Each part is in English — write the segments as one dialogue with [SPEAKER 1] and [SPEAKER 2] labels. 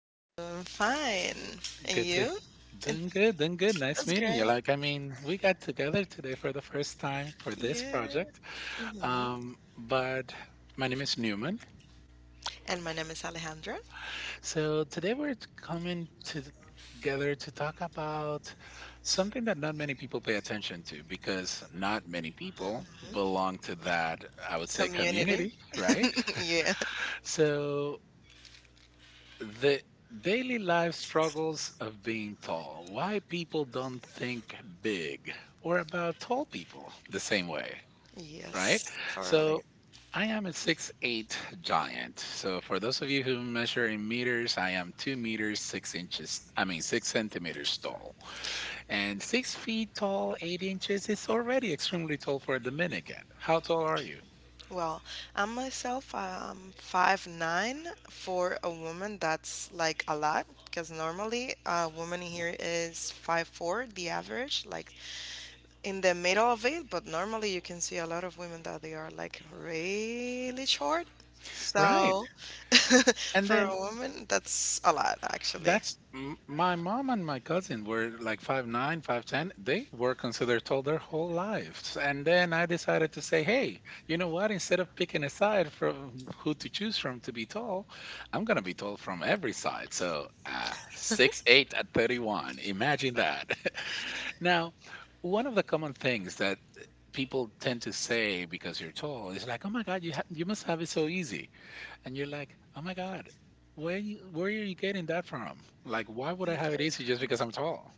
[SPEAKER 1] I'm doing fine. And
[SPEAKER 2] Good to
[SPEAKER 1] you? And
[SPEAKER 2] Doing good, doing good. Nice
[SPEAKER 1] that's
[SPEAKER 2] meeting you.
[SPEAKER 1] great.
[SPEAKER 2] Like, I mean, we got together today for the first time for this
[SPEAKER 1] Yeah.
[SPEAKER 2] project.
[SPEAKER 1] hmm
[SPEAKER 2] But my name is Newman.
[SPEAKER 1] And my name is Alejandra.
[SPEAKER 2] So today coming to together to talk about something that not many people pay attention to because not many people
[SPEAKER 1] hmm
[SPEAKER 2] belong to that, I would say,
[SPEAKER 1] Community.
[SPEAKER 2] community, right?
[SPEAKER 1] yeah.
[SPEAKER 2] So the daily life struggles of being tall. Why people don't think big or about tall people the same way, right?
[SPEAKER 1] Yes. Totally.
[SPEAKER 2] So I am a 6'8" giant. So for those of you who measure in meters, I am 2 meters 6 inches, I mean 6 centimeters tall. And 6 feet tall, 8 inches is already extremely tall for a Dominican. How tall are you?
[SPEAKER 1] Well, I'm 5'9". For a woman, that's like a lot because normally a woman here is 5'4", the average, like in the middle of it. But normally, you can see a lot of women that they are like really short.
[SPEAKER 2] Right.
[SPEAKER 1] So,
[SPEAKER 2] And
[SPEAKER 1] for
[SPEAKER 2] then
[SPEAKER 1] a woman, that's a lot actually.
[SPEAKER 2] My mom and my cousin were like 5'9", 5'10". They were considered tall their whole lives, and then I decided to say, "Hey, you know what? Instead of picking a side from who to choose from to be tall, I'm gonna be tall from every side." So 6'8" at 31. Imagine that. Now, one of the common things that people tend to say because you're tall is like, "Oh my God, you must have it so easy." And you're like, oh my god, where are you getting that from? Like, why would I have it easy just because I'm tall?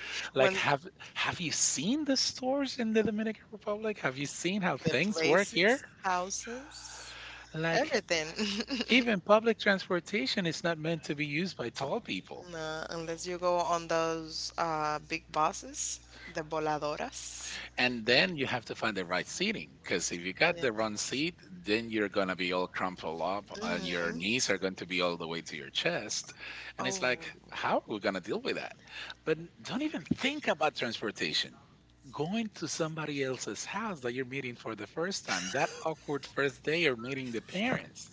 [SPEAKER 2] Like,
[SPEAKER 1] like,
[SPEAKER 2] have you seen the stores in the Dominican Republic? Have you seen how things work here?
[SPEAKER 1] houses,
[SPEAKER 2] Like,
[SPEAKER 1] everything. even
[SPEAKER 2] even public transportation is not meant to be used by tall people.
[SPEAKER 1] No, unless you go on those big buses, the voladoras.
[SPEAKER 2] And then you have to find the right seating because if you got the wrong seat, then you're going to be all crumpled up and your knees are going to be all the way to your chest. And it's like, how are we going to deal with that? But don't even think about transportation. Going to somebody else's house that you're meeting for the first time, that awkward first day you meeting the parents.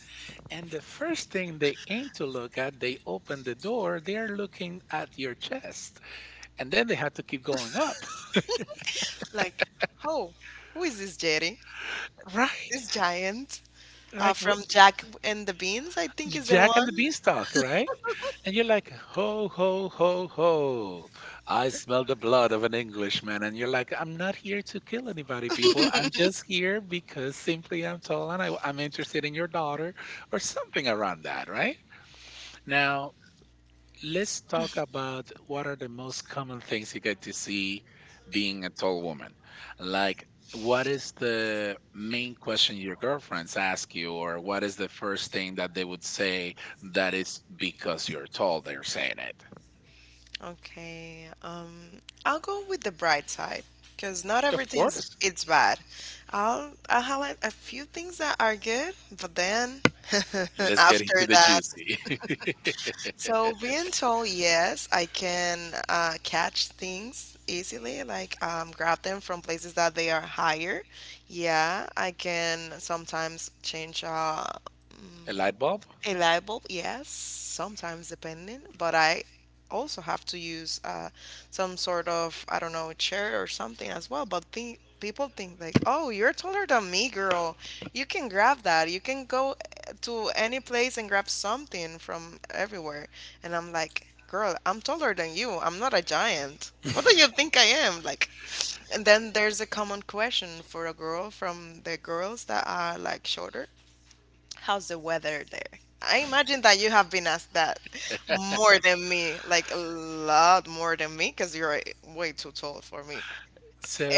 [SPEAKER 2] And the first thing they aim to look at, they open the door, they're looking at your chest. And then they have to keep going up.
[SPEAKER 1] like, oh, who is this Jerry?
[SPEAKER 2] Right.
[SPEAKER 1] This giant?
[SPEAKER 2] Like, wh-
[SPEAKER 1] From Jack and the Beans, I think is the
[SPEAKER 2] Jack and
[SPEAKER 1] one.
[SPEAKER 2] the Beanstalk, right? And you're like, ho, ho, ho, ho. I smell the blood of an Englishman. And you're like, I'm not here to kill anybody, people. I'm just here because simply I'm tall and I'm interested in your daughter or something around that, right? Now, let's talk about what are the most common things you get to see being a tall woman. Like, what is the main question your girlfriends ask you, or what is the first thing that they would say that is because you're tall, they're saying it?
[SPEAKER 1] Okay, I'll go with the bright side because not
[SPEAKER 2] Of course.
[SPEAKER 1] everything's it's bad. I'll highlight a few things that are good, but then
[SPEAKER 2] Let's get
[SPEAKER 1] after
[SPEAKER 2] into the
[SPEAKER 1] that,
[SPEAKER 2] juicy.
[SPEAKER 1] so being told yes, I can catch things easily, like grab them from places that they are higher. Yeah, I can sometimes change.
[SPEAKER 2] A light bulb?
[SPEAKER 1] A light bulb, yes, sometimes depending, but I also have to use some sort of, I don't know, chair or something as well. But think, people think like, oh, you're taller than me, girl. You can grab that. You can go to any place and grab something from everywhere. And I'm like, girl, I'm taller than you. I'm not a giant. What do you think I am? Like, and then there's a common question for a girl from the girls that are like shorter. How's the weather there? I imagine that you have been asked that more than me, like a lot more than me, because you're way too tall for me.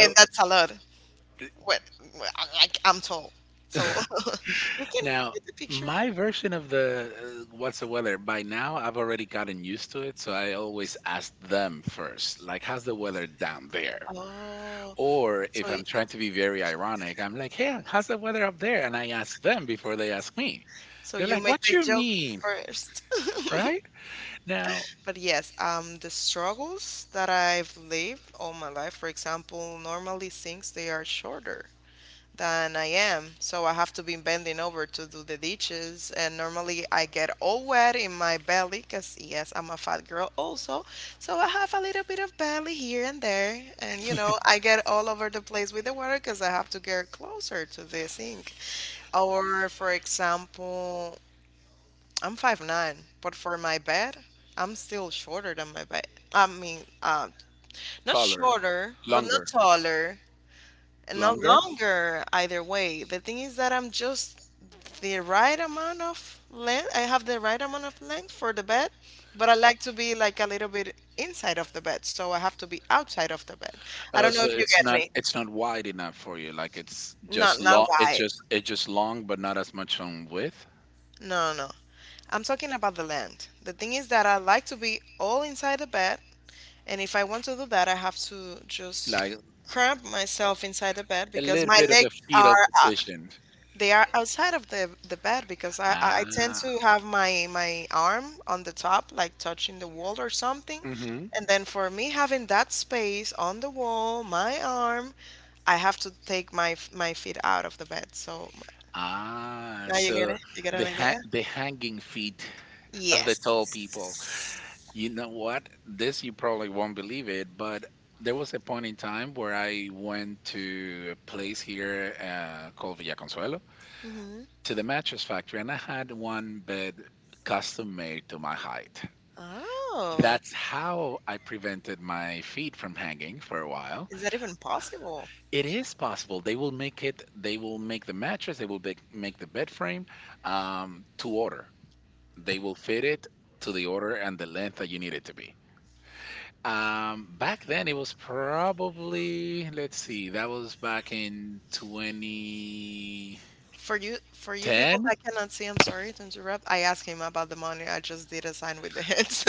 [SPEAKER 1] And that's a lot. What? Like, I'm tall. So you can
[SPEAKER 2] Now,
[SPEAKER 1] get the picture.
[SPEAKER 2] my version of the what's the weather, by now I've already gotten used to it, so I always ask them first, like, how's the weather down there?
[SPEAKER 1] Oh.
[SPEAKER 2] Or if
[SPEAKER 1] So you,
[SPEAKER 2] I'm trying to be very ironic, I'm like, hey, how's the weather up there? And I ask them before they ask me.
[SPEAKER 1] so
[SPEAKER 2] They're
[SPEAKER 1] you
[SPEAKER 2] like,
[SPEAKER 1] make
[SPEAKER 2] what
[SPEAKER 1] the
[SPEAKER 2] you
[SPEAKER 1] joke
[SPEAKER 2] mean?
[SPEAKER 1] first.
[SPEAKER 2] Right? Now,
[SPEAKER 1] But yes, the struggles that I've lived all my life, for example, normally things they are shorter than I am. So I have to be bending over to do the dishes. And normally I get all wet in my belly because, yes, I'm a fat girl also. So I have a little bit of belly here and there. And, you know, I get all over the place with the water because I have to get closer to the sink. Or, for example, I'm 5'9", but for my bed, I'm still shorter than my bed. I mean, not
[SPEAKER 2] taller,
[SPEAKER 1] shorter, but not
[SPEAKER 2] longer,
[SPEAKER 1] taller and no
[SPEAKER 2] longer.
[SPEAKER 1] longer either way. The thing is that I'm just the right amount of length. I have the right amount of length for the bed, but I like to be like a little bit inside of the bed, so I have to be outside of the bed. I
[SPEAKER 2] Oh,
[SPEAKER 1] don't know
[SPEAKER 2] so
[SPEAKER 1] if you
[SPEAKER 2] it's
[SPEAKER 1] get
[SPEAKER 2] not
[SPEAKER 1] me.
[SPEAKER 2] it's not wide enough for you. Like it's
[SPEAKER 1] Not
[SPEAKER 2] just
[SPEAKER 1] not
[SPEAKER 2] long. It's
[SPEAKER 1] wide.
[SPEAKER 2] just it's just long, but not as much on width.
[SPEAKER 1] No, no. I'm talking about the length. The thing is that I like to be all inside the bed, and if I want to do that, I have to just
[SPEAKER 2] Like,
[SPEAKER 1] cramp myself inside the bed
[SPEAKER 2] a
[SPEAKER 1] because
[SPEAKER 2] little
[SPEAKER 1] my
[SPEAKER 2] bit of a
[SPEAKER 1] legs
[SPEAKER 2] fetal
[SPEAKER 1] are.
[SPEAKER 2] position.
[SPEAKER 1] They are outside of the bed because I tend to
[SPEAKER 2] Ah.
[SPEAKER 1] have my arm on the top, like touching the wall or something.
[SPEAKER 2] Hmm.
[SPEAKER 1] And then for me having that space on the wall, my arm, I have to take my feet out of the bed. So
[SPEAKER 2] Ah,
[SPEAKER 1] now you get
[SPEAKER 2] so
[SPEAKER 1] it. You get an idea?
[SPEAKER 2] the hanging feet of
[SPEAKER 1] Yes.
[SPEAKER 2] the tall people. You know what? This you probably won't believe it, but there was a point in time where I went to a place here called Villa Consuelo
[SPEAKER 1] hmm
[SPEAKER 2] to the mattress factory, and I had one bed custom made to my height.
[SPEAKER 1] Oh,
[SPEAKER 2] That's how I prevented my feet from hanging for a while.
[SPEAKER 1] is that even possible?
[SPEAKER 2] It is possible. They will make it. They will make the mattress. They will make the bed frame to order. They will fit it to the order and the length that you need it to be. Back then, it was probably let's see. That was back in 2010.
[SPEAKER 1] For you people that cannot see, I'm sorry to interrupt. I asked him about the money. I just did a sign with the hands.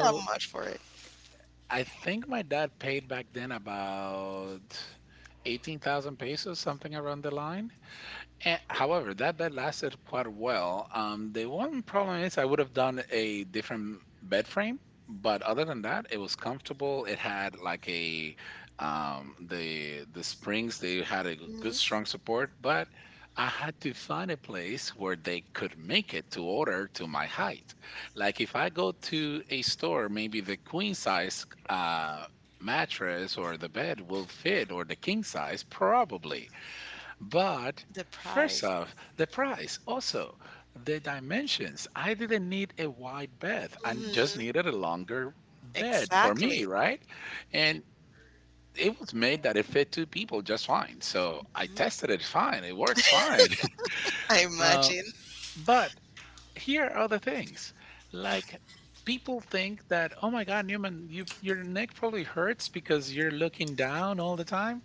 [SPEAKER 1] Not much for it.
[SPEAKER 2] I think my dad paid back then about 18,000 pesos, something around the line. And, however, that bed lasted quite well. The one problem is I would have done a different bed frame, but other than that, it was comfortable. It had like a the springs. They had a good strong
[SPEAKER 1] Mhm.
[SPEAKER 2] support, but I had to find a place where they could make it to order to my height. Like if I go to a store, maybe the queen size mattress or the bed will fit, or the king size probably, but first
[SPEAKER 1] Deprived.
[SPEAKER 2] off, the price, also the dimensions. I didn't need a wide bed, I just
[SPEAKER 1] Mhm.
[SPEAKER 2] needed a longer bed for me,
[SPEAKER 1] Exactly.
[SPEAKER 2] right? And it was made that it fit two people just fine. So I tested it fine, it works fine.
[SPEAKER 1] I
[SPEAKER 2] Uh,
[SPEAKER 1] imagine.
[SPEAKER 2] but here are the things like people think that, oh my God, Newman, your neck probably hurts because you're looking down all the time.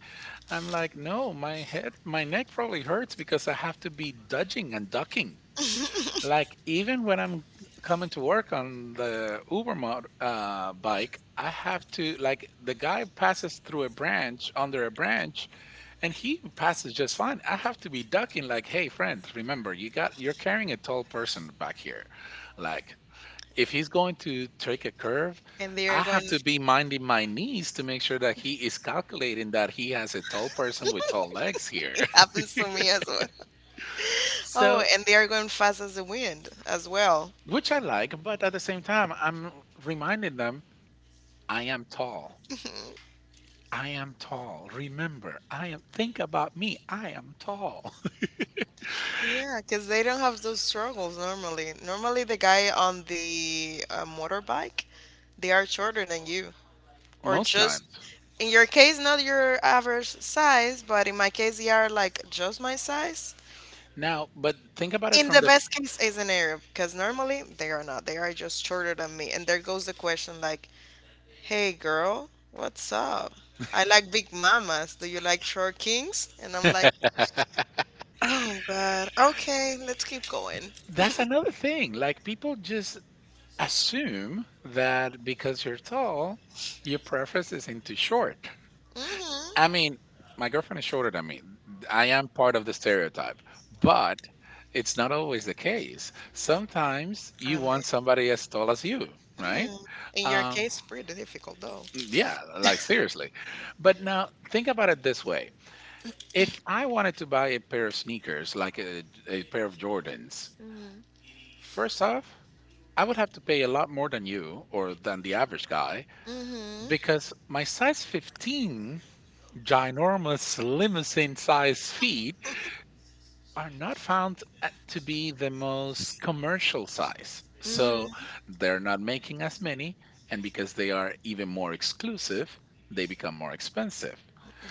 [SPEAKER 2] I'm like, no, my head, my neck probably hurts because I have to be dodging and ducking. Like even when I'm coming to work on the Uber mod, bike, I have to like the guy passes through a branch under a branch, and he passes just fine. I have to be ducking. Like, hey, friend, remember you're carrying a tall person back here. Like if he's going to take a curve,
[SPEAKER 1] And they
[SPEAKER 2] I
[SPEAKER 1] are going
[SPEAKER 2] have to be minding my knees to make sure that he is calculating that he has a tall person with tall legs here.
[SPEAKER 1] it happens to me as well. Oh,
[SPEAKER 2] So,
[SPEAKER 1] and they are going fast as the wind as well.
[SPEAKER 2] which I like, but at the same time, I'm reminding them I am tall. I am tall. Remember, I am think about me. I am tall.
[SPEAKER 1] Yeah, because they don't have those struggles normally. Normally, the guy on the motorbike, they are shorter than you, or
[SPEAKER 2] Most
[SPEAKER 1] just
[SPEAKER 2] times.
[SPEAKER 1] in your case, not your average size, but in my case, they are like just my size.
[SPEAKER 2] Now, but think about it
[SPEAKER 1] In
[SPEAKER 2] from
[SPEAKER 1] the best case is an Arab, because normally they are not. They are just shorter than me. And there goes the question like, hey girl, what's up? I like big mamas. Do you like short kings? And I'm like,
[SPEAKER 2] the
[SPEAKER 1] oh God, okay, let's keep going.
[SPEAKER 2] That's another thing. Like people just assume that because you're tall, your preference is into short.
[SPEAKER 1] Mm-hmm.
[SPEAKER 2] I mean, my girlfriend is shorter than me. I am part of the stereotype, but it's not always the case. Sometimes
[SPEAKER 1] I
[SPEAKER 2] you
[SPEAKER 1] mean,
[SPEAKER 2] want somebody as tall as you, right?
[SPEAKER 1] hmm in your
[SPEAKER 2] Um,
[SPEAKER 1] case, pretty difficult though.
[SPEAKER 2] yeah, like seriously. But now think about it this way: if I wanted to buy a pair of sneakers, like a pair of Jordans,
[SPEAKER 1] Mm-hmm.
[SPEAKER 2] first off, I would have to pay a lot more than you or than the average guy
[SPEAKER 1] Mm-hmm.
[SPEAKER 2] because my size 15, ginormous limousine size feet
[SPEAKER 1] So
[SPEAKER 2] are not found to be the most commercial size.
[SPEAKER 1] Mm-hmm.
[SPEAKER 2] So they're not making as many, and because they are even more exclusive, they become more expensive.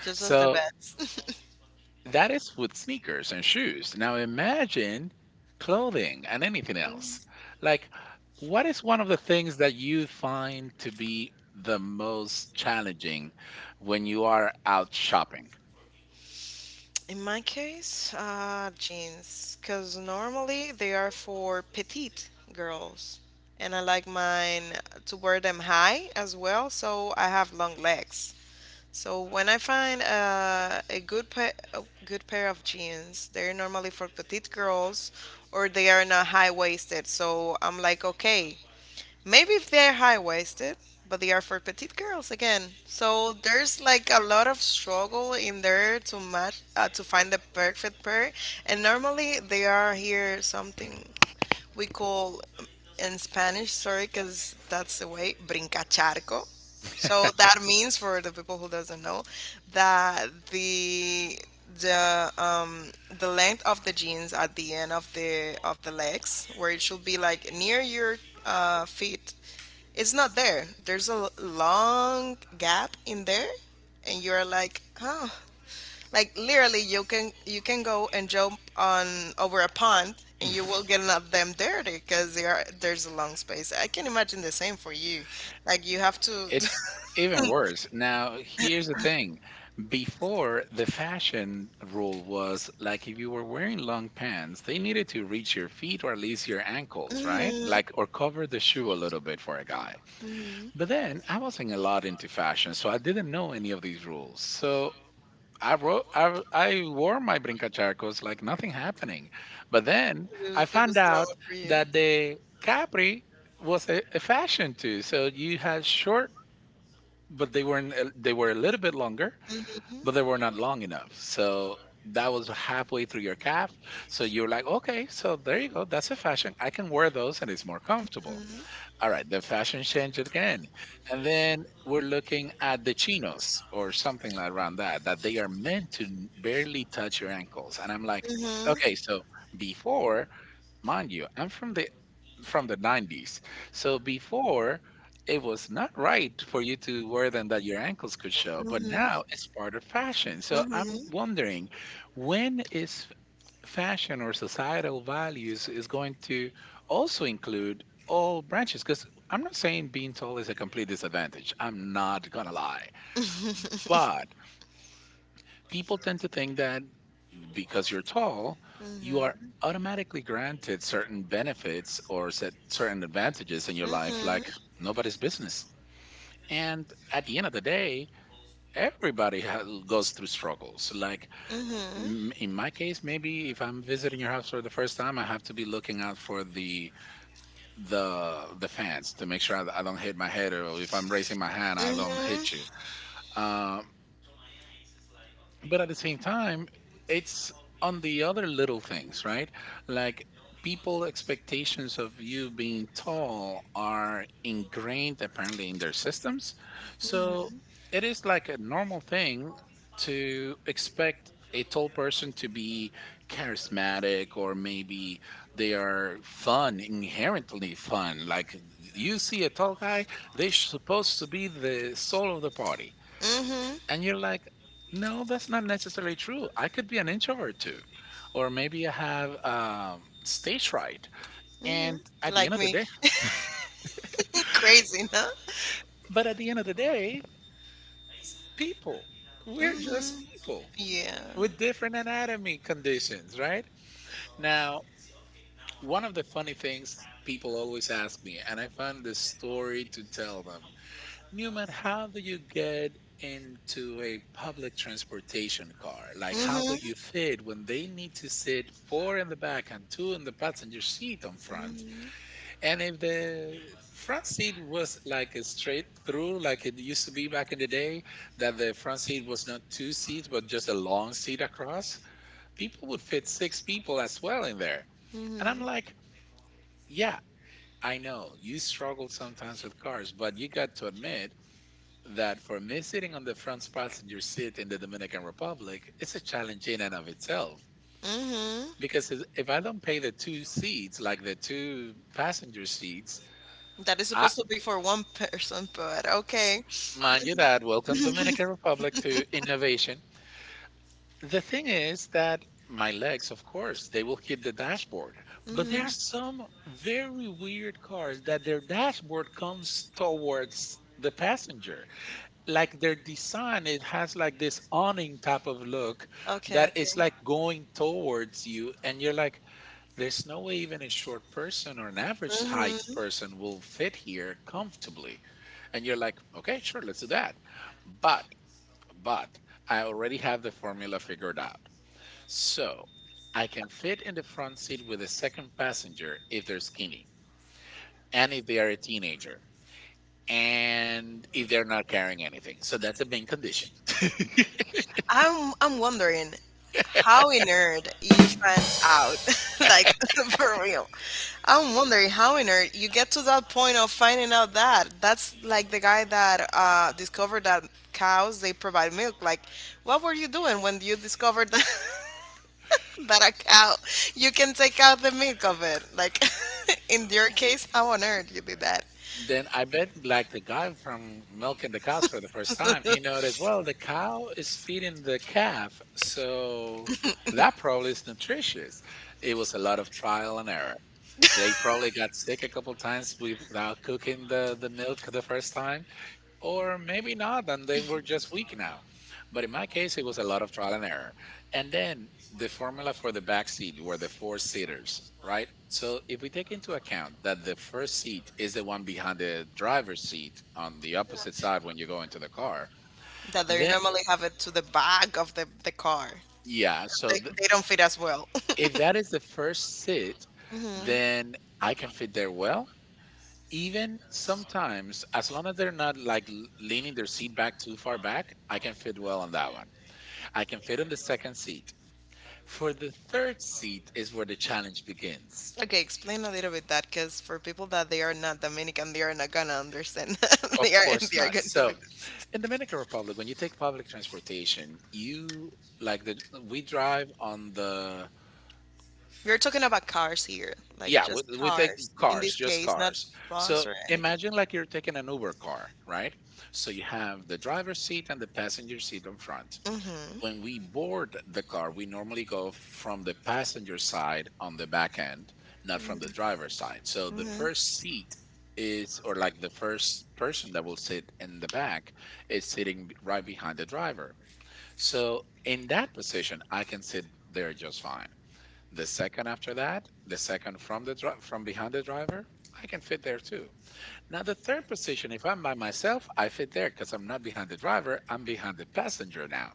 [SPEAKER 1] Just as the
[SPEAKER 2] So
[SPEAKER 1] best.
[SPEAKER 2] that is with sneakers and shoes. Now imagine clothing and anything else. Like, what is one of the things that you find to be the most challenging when you are out shopping?
[SPEAKER 1] In my case, jeans, because normally they are for petite girls, and I like mine to wear them high as well, so I have long legs. So when I find a good pair of jeans, they're normally for petite girls, or they are not high waisted. So I'm like, okay, maybe if they're high waisted, but they are for petite girls again. So there's like a lot of struggle in there to match to find the perfect pair, and normally they are here something we call in Spanish, sorry, because that's the way brincacharco. So that means for the people who doesn't know that the um the length of the jeans at the end of the legs where it should be like near your feet, it's not there. There's a long gap in there, and you're like, oh, like literally, you can go and jump on over a pond, and you will get not them there because there's a long space. I can imagine the same for you. Like you have to.
[SPEAKER 2] It's even worse. Now, here's the thing. Before, the fashion rule was like if you were wearing long pants, they needed to reach your feet or at least your ankles, right?
[SPEAKER 1] Mhm,
[SPEAKER 2] Like, or cover the shoe a little bit for a guy.
[SPEAKER 1] mhm.
[SPEAKER 2] But then I wasn't a lot into fashion, so I didn't know any of these rules. So I wore my brincacharcos like nothing happening. But then
[SPEAKER 1] The it
[SPEAKER 2] I found
[SPEAKER 1] normal
[SPEAKER 2] out
[SPEAKER 1] for
[SPEAKER 2] that the Capri was a fashion too. So you had short but they weren't a- they were a little bit longer but they were not long enough, so that was halfway through your calf, so you're like, okay, so there you go, that's a fashion I can wear those and it's more comfortable.
[SPEAKER 1] Mhm.
[SPEAKER 2] All right, the fashion changed again, and then
[SPEAKER 1] And
[SPEAKER 2] we're looking at the chinos or something like around that that they are meant to barely touch your ankles, and I'm like,
[SPEAKER 1] Mhm.
[SPEAKER 2] okay. So before, mind you, I'm from the 90s. So before, it was not right for you to wear them that your ankles could show, but
[SPEAKER 1] Mhm.
[SPEAKER 2] now it's part of fashion. So I'm
[SPEAKER 1] Mhm.
[SPEAKER 2] wondering, when is fashion or societal values is going to also include all branches? Because I'm not saying being tall is a complete disadvantage. I'm not gonna lie, but people tend to think that because you're tall, you are
[SPEAKER 1] When
[SPEAKER 2] automatically granted certain benefits
[SPEAKER 1] Mhm.
[SPEAKER 2] or set certain advantages in your life
[SPEAKER 1] Mhm.
[SPEAKER 2] like nobody's business. And at the end of the day, everybody goes through struggles. Like
[SPEAKER 1] Mhm.
[SPEAKER 2] in my case, maybe if I'm visiting your house for the first time, I have to be looking out for the fans to make sure I don't hit my head, or if I'm raising my hand, I don't
[SPEAKER 1] Mhm.
[SPEAKER 2] hit you. Um, but at the same time, it's on the other little things, right? Like people expectations of you being tall are ingrained apparently in their systems, so it is like a normal thing to expect a tall person to be charismatic, or maybe they are fun inherently fun. Like you see a tall guy, they're supposed to be the soul of the party,
[SPEAKER 1] Mhm.
[SPEAKER 2] and you're like, no, that's not necessarily true. I could be an introvert too. Or maybe I have stage fright.
[SPEAKER 1] hmm
[SPEAKER 2] And at the end
[SPEAKER 1] Like
[SPEAKER 2] of the
[SPEAKER 1] me.
[SPEAKER 2] day,
[SPEAKER 1] Crazy, no?
[SPEAKER 2] but at the end of the day, it's people, we're just
[SPEAKER 1] hmm
[SPEAKER 2] people
[SPEAKER 1] Yeah.
[SPEAKER 2] with different anatomy conditions, right? Now, one of the funny things people always ask me, and I found this story to tell them, Newman, how do you get into a public transportation car? Like, how do you fit when they need to sit four in the back and two in the passenger seat on front? And if the front seat was like a straight through, like it used to be back in the day, that the front seat was not two seats, but just a long seat across, people would fit six people as well in there. And I'm like, yeah, I know you struggle sometimes with cars, but you got to admit that for me, sitting on the front passenger seat in the Dominican Republic is a challenge in and of itself.
[SPEAKER 1] hmm
[SPEAKER 2] Because if I don't pay the two seats, like the two passenger seats,
[SPEAKER 1] That is
[SPEAKER 2] I,
[SPEAKER 1] supposed to be for one person, but
[SPEAKER 2] s-
[SPEAKER 1] okay.
[SPEAKER 2] mind you that, welcome Dominican Republic to innovation. The thing is that my legs, of course, they will hit the dashboard. But there are some very weird cars that their dashboard comes towards the passenger. Like their design, it has like this awning type of look
[SPEAKER 1] Okay,
[SPEAKER 2] that
[SPEAKER 1] okay.
[SPEAKER 2] it's like going towards you, and you're like, there's no way even a short person or an average
[SPEAKER 1] hmm
[SPEAKER 2] height person will fit here comfortably. And you're like, okay, sure, let's do that. But but I already have the formula figured out. So I can fit in the front seat with a second passenger if they're skinny, and if they are a teenager, and if they're not carrying anything, so that's a main condition.
[SPEAKER 1] I'm wondering how in nerd you find out, like for real. I'm wondering how in nerd you get to that point of finding out that that's like the guy that discovered that cows they provide milk. Like, what were you doing when you discovered that, that a cow you can take out the milk of it? Like, in your case, how on earth you did that?
[SPEAKER 2] Then I bet, like the guy from milking the cows for the first time, he noticed, well, the cow is feeding the calf, so that probably is nutritious. It was a lot of trial and error. They probably got sick a couple times without cooking the milk the first time, or maybe not, and then we're just weak now. But in my case, it was a lot of trial and error. And then the formula for the back seat were the four seaters, right? So if we take into account that the first seat is the one behind the driver's seat on the opposite side when you go into the car,
[SPEAKER 1] That they
[SPEAKER 2] then
[SPEAKER 1] normally have it to the back of the car.
[SPEAKER 2] yeah,
[SPEAKER 1] They, they don't fit as well.
[SPEAKER 2] if that is the first sit, then I can fit there well. Even sometimes, as long as they're not like leaning their seat back too far back, I can fit well on that one. I can fit on the second seat. For the third seat is where the challenge begins.
[SPEAKER 1] Okay, explain a little bit that because for people that they are not Dominican, they are not gonna understand.
[SPEAKER 2] Of course
[SPEAKER 1] Of they
[SPEAKER 2] not. So, in Dominican Republic, when you take public transportation, you, like the, we drive on the,
[SPEAKER 1] We're talking about cars here,
[SPEAKER 2] yeah, we take cars, just cars. So imagine like you're taking an Uber car, right? So you have the driver's seat and the passenger seat in front. When we board the car, we normally go from the passenger side on the back end, not from the driver's side. So the first seat is, or like the first person that will sit in the back, is sitting right behind the driver. So in that position, I can sit there just fine. The second after that, the second from behind the driver, I can fit there too. Now, the third position, if I'm by myself, I fit there because I'm not behind the driver, I'm behind the passenger now.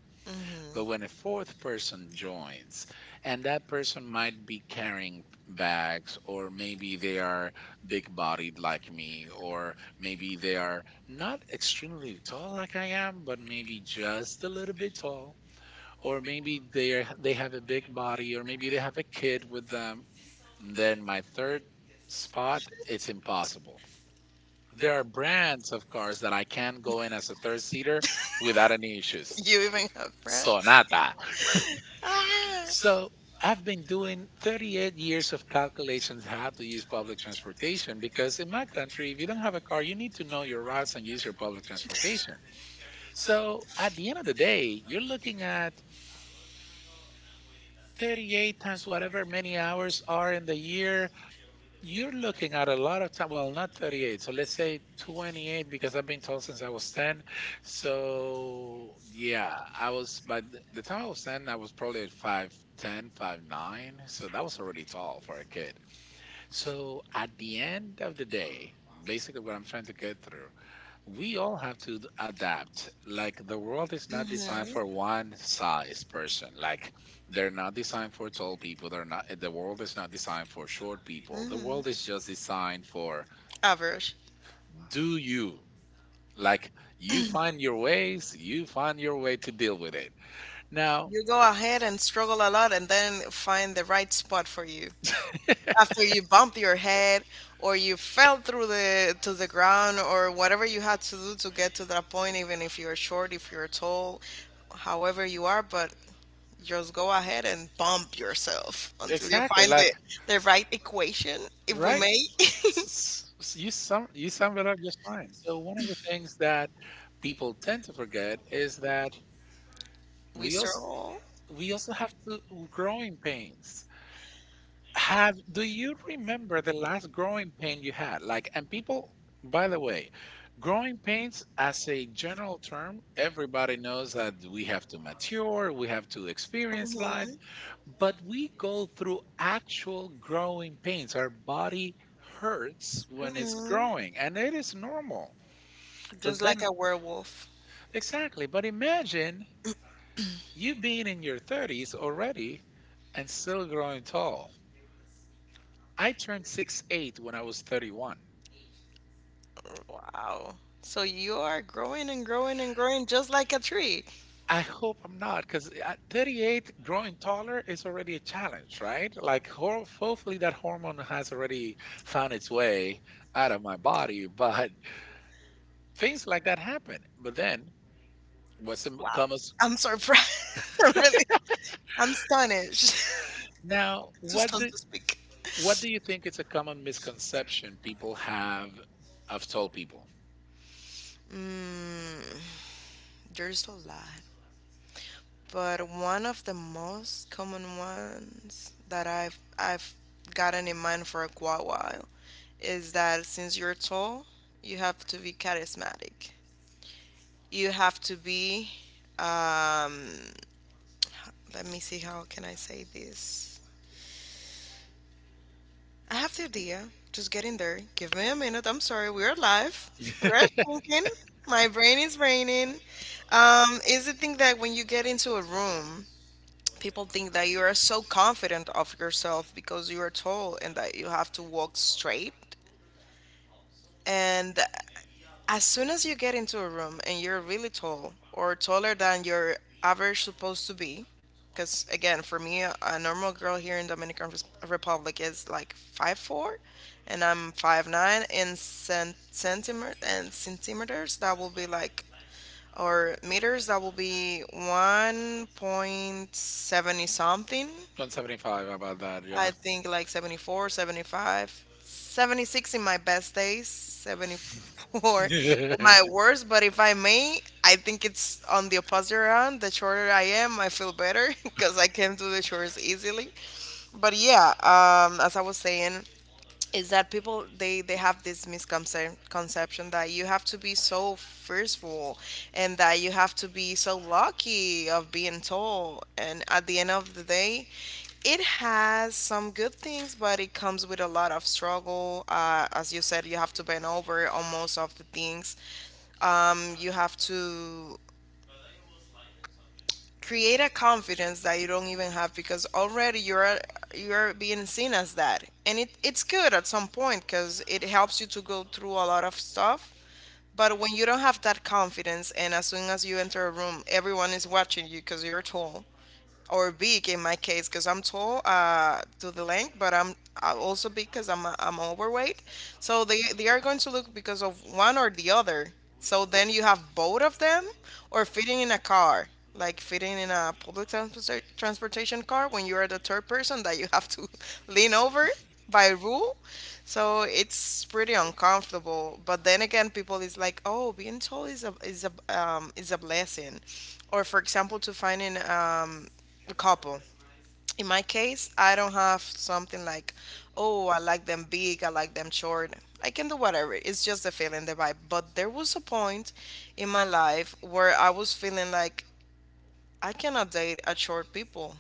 [SPEAKER 2] But when a fourth person joins, and that person might be carrying bags, or maybe they are big bodied like me, or maybe they are not extremely tall like I am, but maybe just a little bit tall, or maybe they are, they have a big body, or maybe they have a kid with them. Then my third spot, it's impossible. There are brands of cars that I can go in as a third seater without any issues.
[SPEAKER 1] you even have So
[SPEAKER 2] Sonata.
[SPEAKER 1] Ah.
[SPEAKER 2] So I've been doing 38 years of calculations how to use public transportation because in my country, if you don't have a car, you need to know your routes and use your public transportation. So at the end of the day, you're looking at 38 times whatever many hours are in the year. You're looking at a lot of time. Well, not 38. So let's say 28 because I've been told since I was 10. So yeah, I was the time I was 10, I was probably at 5'10, 9. So that was already tall for a kid. So at the end of the day, basically what I'm trying to get through, we all have to adapt. Like the world is
[SPEAKER 1] Mm-hmm.
[SPEAKER 2] not designed
[SPEAKER 1] designed
[SPEAKER 2] for one size person. Like they're not designed for tall people. They're not. The world is not designed for short people. The
[SPEAKER 1] Mm-hmm. world
[SPEAKER 2] world is just designed for
[SPEAKER 1] Average.
[SPEAKER 2] do you. Like you find your ways. You find your way to deal with it. Now,
[SPEAKER 1] You go ahead and struggle a lot and then find the right spot for you. After you bump your head or you fell through the to the ground or whatever you had to do to get to that point, even if you're short, if you're tall, however you are, but just go ahead and bump yourself until you
[SPEAKER 2] exactly.
[SPEAKER 1] find the,
[SPEAKER 2] Like,
[SPEAKER 1] the right equation, if we
[SPEAKER 2] right.
[SPEAKER 1] may.
[SPEAKER 2] You sum it up just fine. So one of the things that people tend to forget is that
[SPEAKER 1] we
[SPEAKER 2] we
[SPEAKER 1] struggle.
[SPEAKER 2] we also have to growing pains. Have Do you remember the last growing pain you had? Like, and people, by the way, growing pains as a general term, everybody knows that we have to mature, we have to experience life, but we go through actual growing pains. Our body hurts
[SPEAKER 1] Mhm,
[SPEAKER 2] when it's
[SPEAKER 1] mhm.
[SPEAKER 2] growing, and it is normal.
[SPEAKER 1] Just
[SPEAKER 2] But
[SPEAKER 1] like
[SPEAKER 2] then,
[SPEAKER 1] a werewolf.
[SPEAKER 2] exactly, but imagine you being in your 30s already and still growing tall. I turned 6'8" when I was 31.
[SPEAKER 1] Wow. So you are growing and growing and growing just like a tree.
[SPEAKER 2] I hope I'm not, because at 38, growing taller is already a challenge, right? Like, hopefully, that hormone has already found its way out of my body, but things like that happen. But then, what's the
[SPEAKER 1] Wow.
[SPEAKER 2] common?
[SPEAKER 1] I'm surprised. I'm really, I'm stunned. Just
[SPEAKER 2] Now, what
[SPEAKER 1] do
[SPEAKER 2] do
[SPEAKER 1] to speak.
[SPEAKER 2] what do you think is a common misconception people have of tall people?
[SPEAKER 1] Mm, there's a lot, but one of the most common ones that I've gotten in mind for a quite while is that since you're tall, you have to be charismatic. You have to be. Um, Let me see. How can I say this? I have the idea. Just get in there. Give me a minute. I'm sorry. We're live. We're thinking. My brain is raining. Is the thing that when you get into a room, people think that you are so confident of yourself because you are tall and that you have to walk straight. And as soon as you get into a room and you're really tall or taller than your average supposed to be, because again, for me, a normal girl here in Dominican Republic is like 5'4", and I'm 5'9" in centimeter and centimeters. That will be like or meters. That will be 1.70 something.
[SPEAKER 2] 175, about that, yeah.
[SPEAKER 1] I think like 74, 75, 76 in my best days, 74 in my worst. But if I may, I think it's on the opposite round. The shorter I am, I feel better because I can do the chores easily. But yeah, as I was saying, is that people they have this misconception that you have to be so forceful and that you have to be so lucky of being tall, and at the end of the day it has some good things but it comes with a lot of struggle. Uh, as you said, you have to bend over on most of the things. Um, you have to create a confidence that you don't even have because already you're being seen as that. And it's good at some point because it helps you to go through a lot of stuff. But when you don't have that confidence and as soon as you enter a room, everyone is watching you because you're tall or big in my case because I'm tall, to the length. But I also big because I'm overweight. So they are going to look because of one or the other. So then you have both of them, or fitting in a car, like fitting in a public transportation car when you are the third person that you have to lean over by rule. So it's pretty uncomfortable. But then again, people is like, oh, being tall is a blessing. Or for example, to finding a couple. In my case, I don't have something like, oh, I like them big, I like them short. I can do whatever. It's just the feeling, the vibe. But there was a point in my life where I was feeling like I cannot date a short people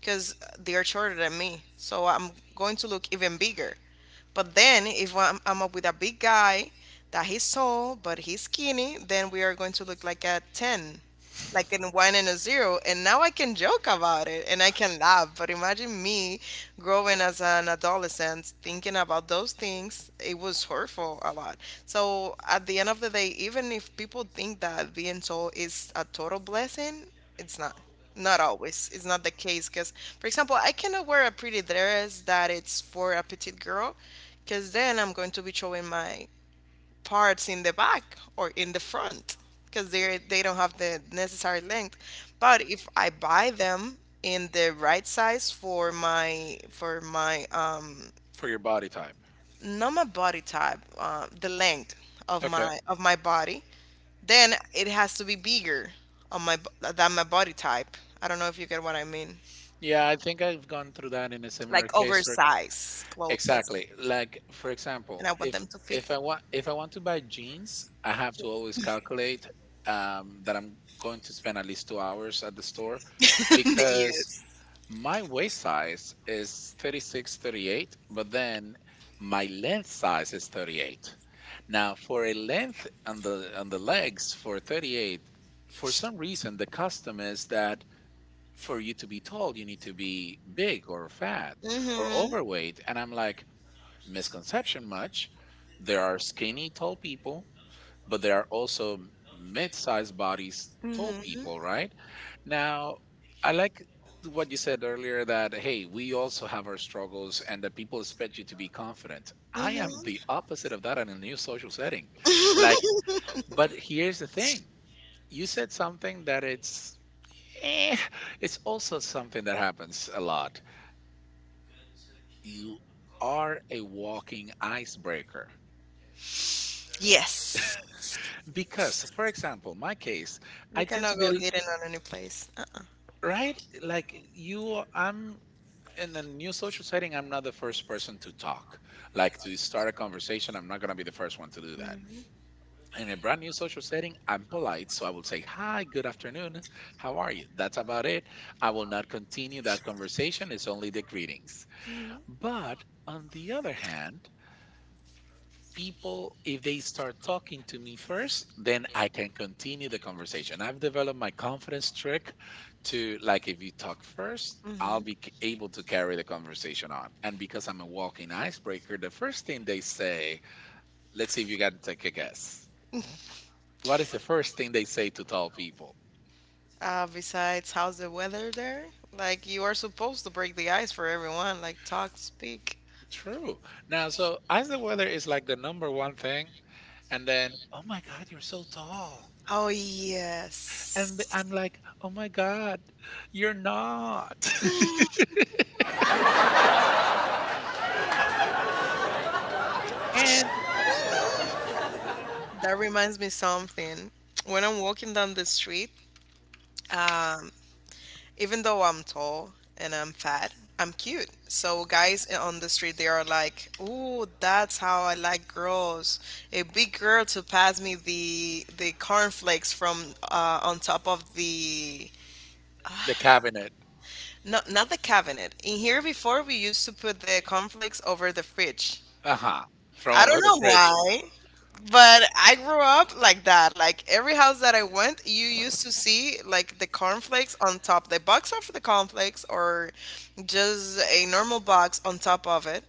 [SPEAKER 1] because they are shorter than me. So I'm going to look even bigger. But then if I'm up with a big guy that he's tall but he's skinny, then we are going to look like a 10, like in one and a zero. And now I can joke about it and I can laugh, but imagine me growing as an adolescent thinking about those things. It was hurtful a lot. So at the end of the day, even if people think that being tall is a total blessing, it's not. Not always. It's not the case because, for example, I cannot wear a pretty dress that it's for a petite girl because then I'm going to be showing my parts in the back or in the front because they don't have the necessary length. But if I buy them in the right size for my,
[SPEAKER 2] For your body type.
[SPEAKER 1] not my body type, the length of
[SPEAKER 2] Okay.
[SPEAKER 1] my body, then it has to be bigger than my body type. I don't know if you get what I mean.
[SPEAKER 2] Yeah, I think I've gone through that in a similar
[SPEAKER 1] Like
[SPEAKER 2] case. Where,
[SPEAKER 1] oversized clothes
[SPEAKER 2] exactly. Like for example,
[SPEAKER 1] and I want
[SPEAKER 2] if
[SPEAKER 1] them to feel.
[SPEAKER 2] if I want if I want to buy jeans, I have to always calculate that I'm going to spend at least 2 hours at the store because
[SPEAKER 1] Yes.
[SPEAKER 2] my waist size is 36, 38, but then my length size is 38. Now, for a length on the legs for 38, for some reason the custom is that for you to be told you need to be big or fat or
[SPEAKER 1] Mhm.
[SPEAKER 2] overweight. And I'm like, misconception much. There are skinny, tall people, but there are also mid sized bodies, tall
[SPEAKER 1] Mhm.
[SPEAKER 2] people, right? Now, I like what you said earlier that, hey, we also have our struggles and that people expect you to be confident. I am the
[SPEAKER 1] Mhm.
[SPEAKER 2] opposite of that in a new social setting. Like, but here's the thing, you said something that it's Eh, it's also something that happens a lot. You are a walking icebreaker.
[SPEAKER 1] Yes.
[SPEAKER 2] Because, for example, my case,
[SPEAKER 1] You
[SPEAKER 2] I tend to
[SPEAKER 1] cannot
[SPEAKER 2] be,
[SPEAKER 1] go hidden on any place. Uh-uh.
[SPEAKER 2] right? Like you, I'm in a new social setting, I'm not the first person to talk. Like to start a conversation, I'm not going to be the first one to do that. In a brand new social setting, I'm polite. So I will say, hi, good afternoon, how are you? That's about it. I will not continue that conversation. It's only the greetings. But on the other hand, people, if they start talking to me first, then I can continue the conversation. I've developed my confidence trick to, like, if you talk first, I'll be able to carry the conversation on. And because I'm a walking icebreaker, the first thing they say, let's see if you can take a guess, what is the first thing they say to tall people?
[SPEAKER 1] Besides, how's the weather there? Like, you are supposed to break the ice for everyone. Like, talk, speak.
[SPEAKER 2] True. Now, so ice, the weather is like the number one thing, and then, oh my god, you're so tall,
[SPEAKER 1] Oh,
[SPEAKER 2] and
[SPEAKER 1] yes.
[SPEAKER 2] I'm like, oh my god, you're not. And
[SPEAKER 1] Mm, that reminds me something. When I'm walking down the street, um, even though I'm tall and I'm fat, I'm cute. So guys, on the street, they are like, "Ooh, that's how I like girls. A big girl to pass me the cornflakes from, on top of the,
[SPEAKER 2] the cabinet.
[SPEAKER 1] no, not the cabinet. In here before we used to put the cornflakes over the fridge.
[SPEAKER 2] Uh-huh. From
[SPEAKER 1] I don't
[SPEAKER 2] over the
[SPEAKER 1] know
[SPEAKER 2] fridge.
[SPEAKER 1] why, but I grew up like that. Like every house that I went, you used to see like the cornflakes on top, the box of the cornflakes, or just a normal box on top of it,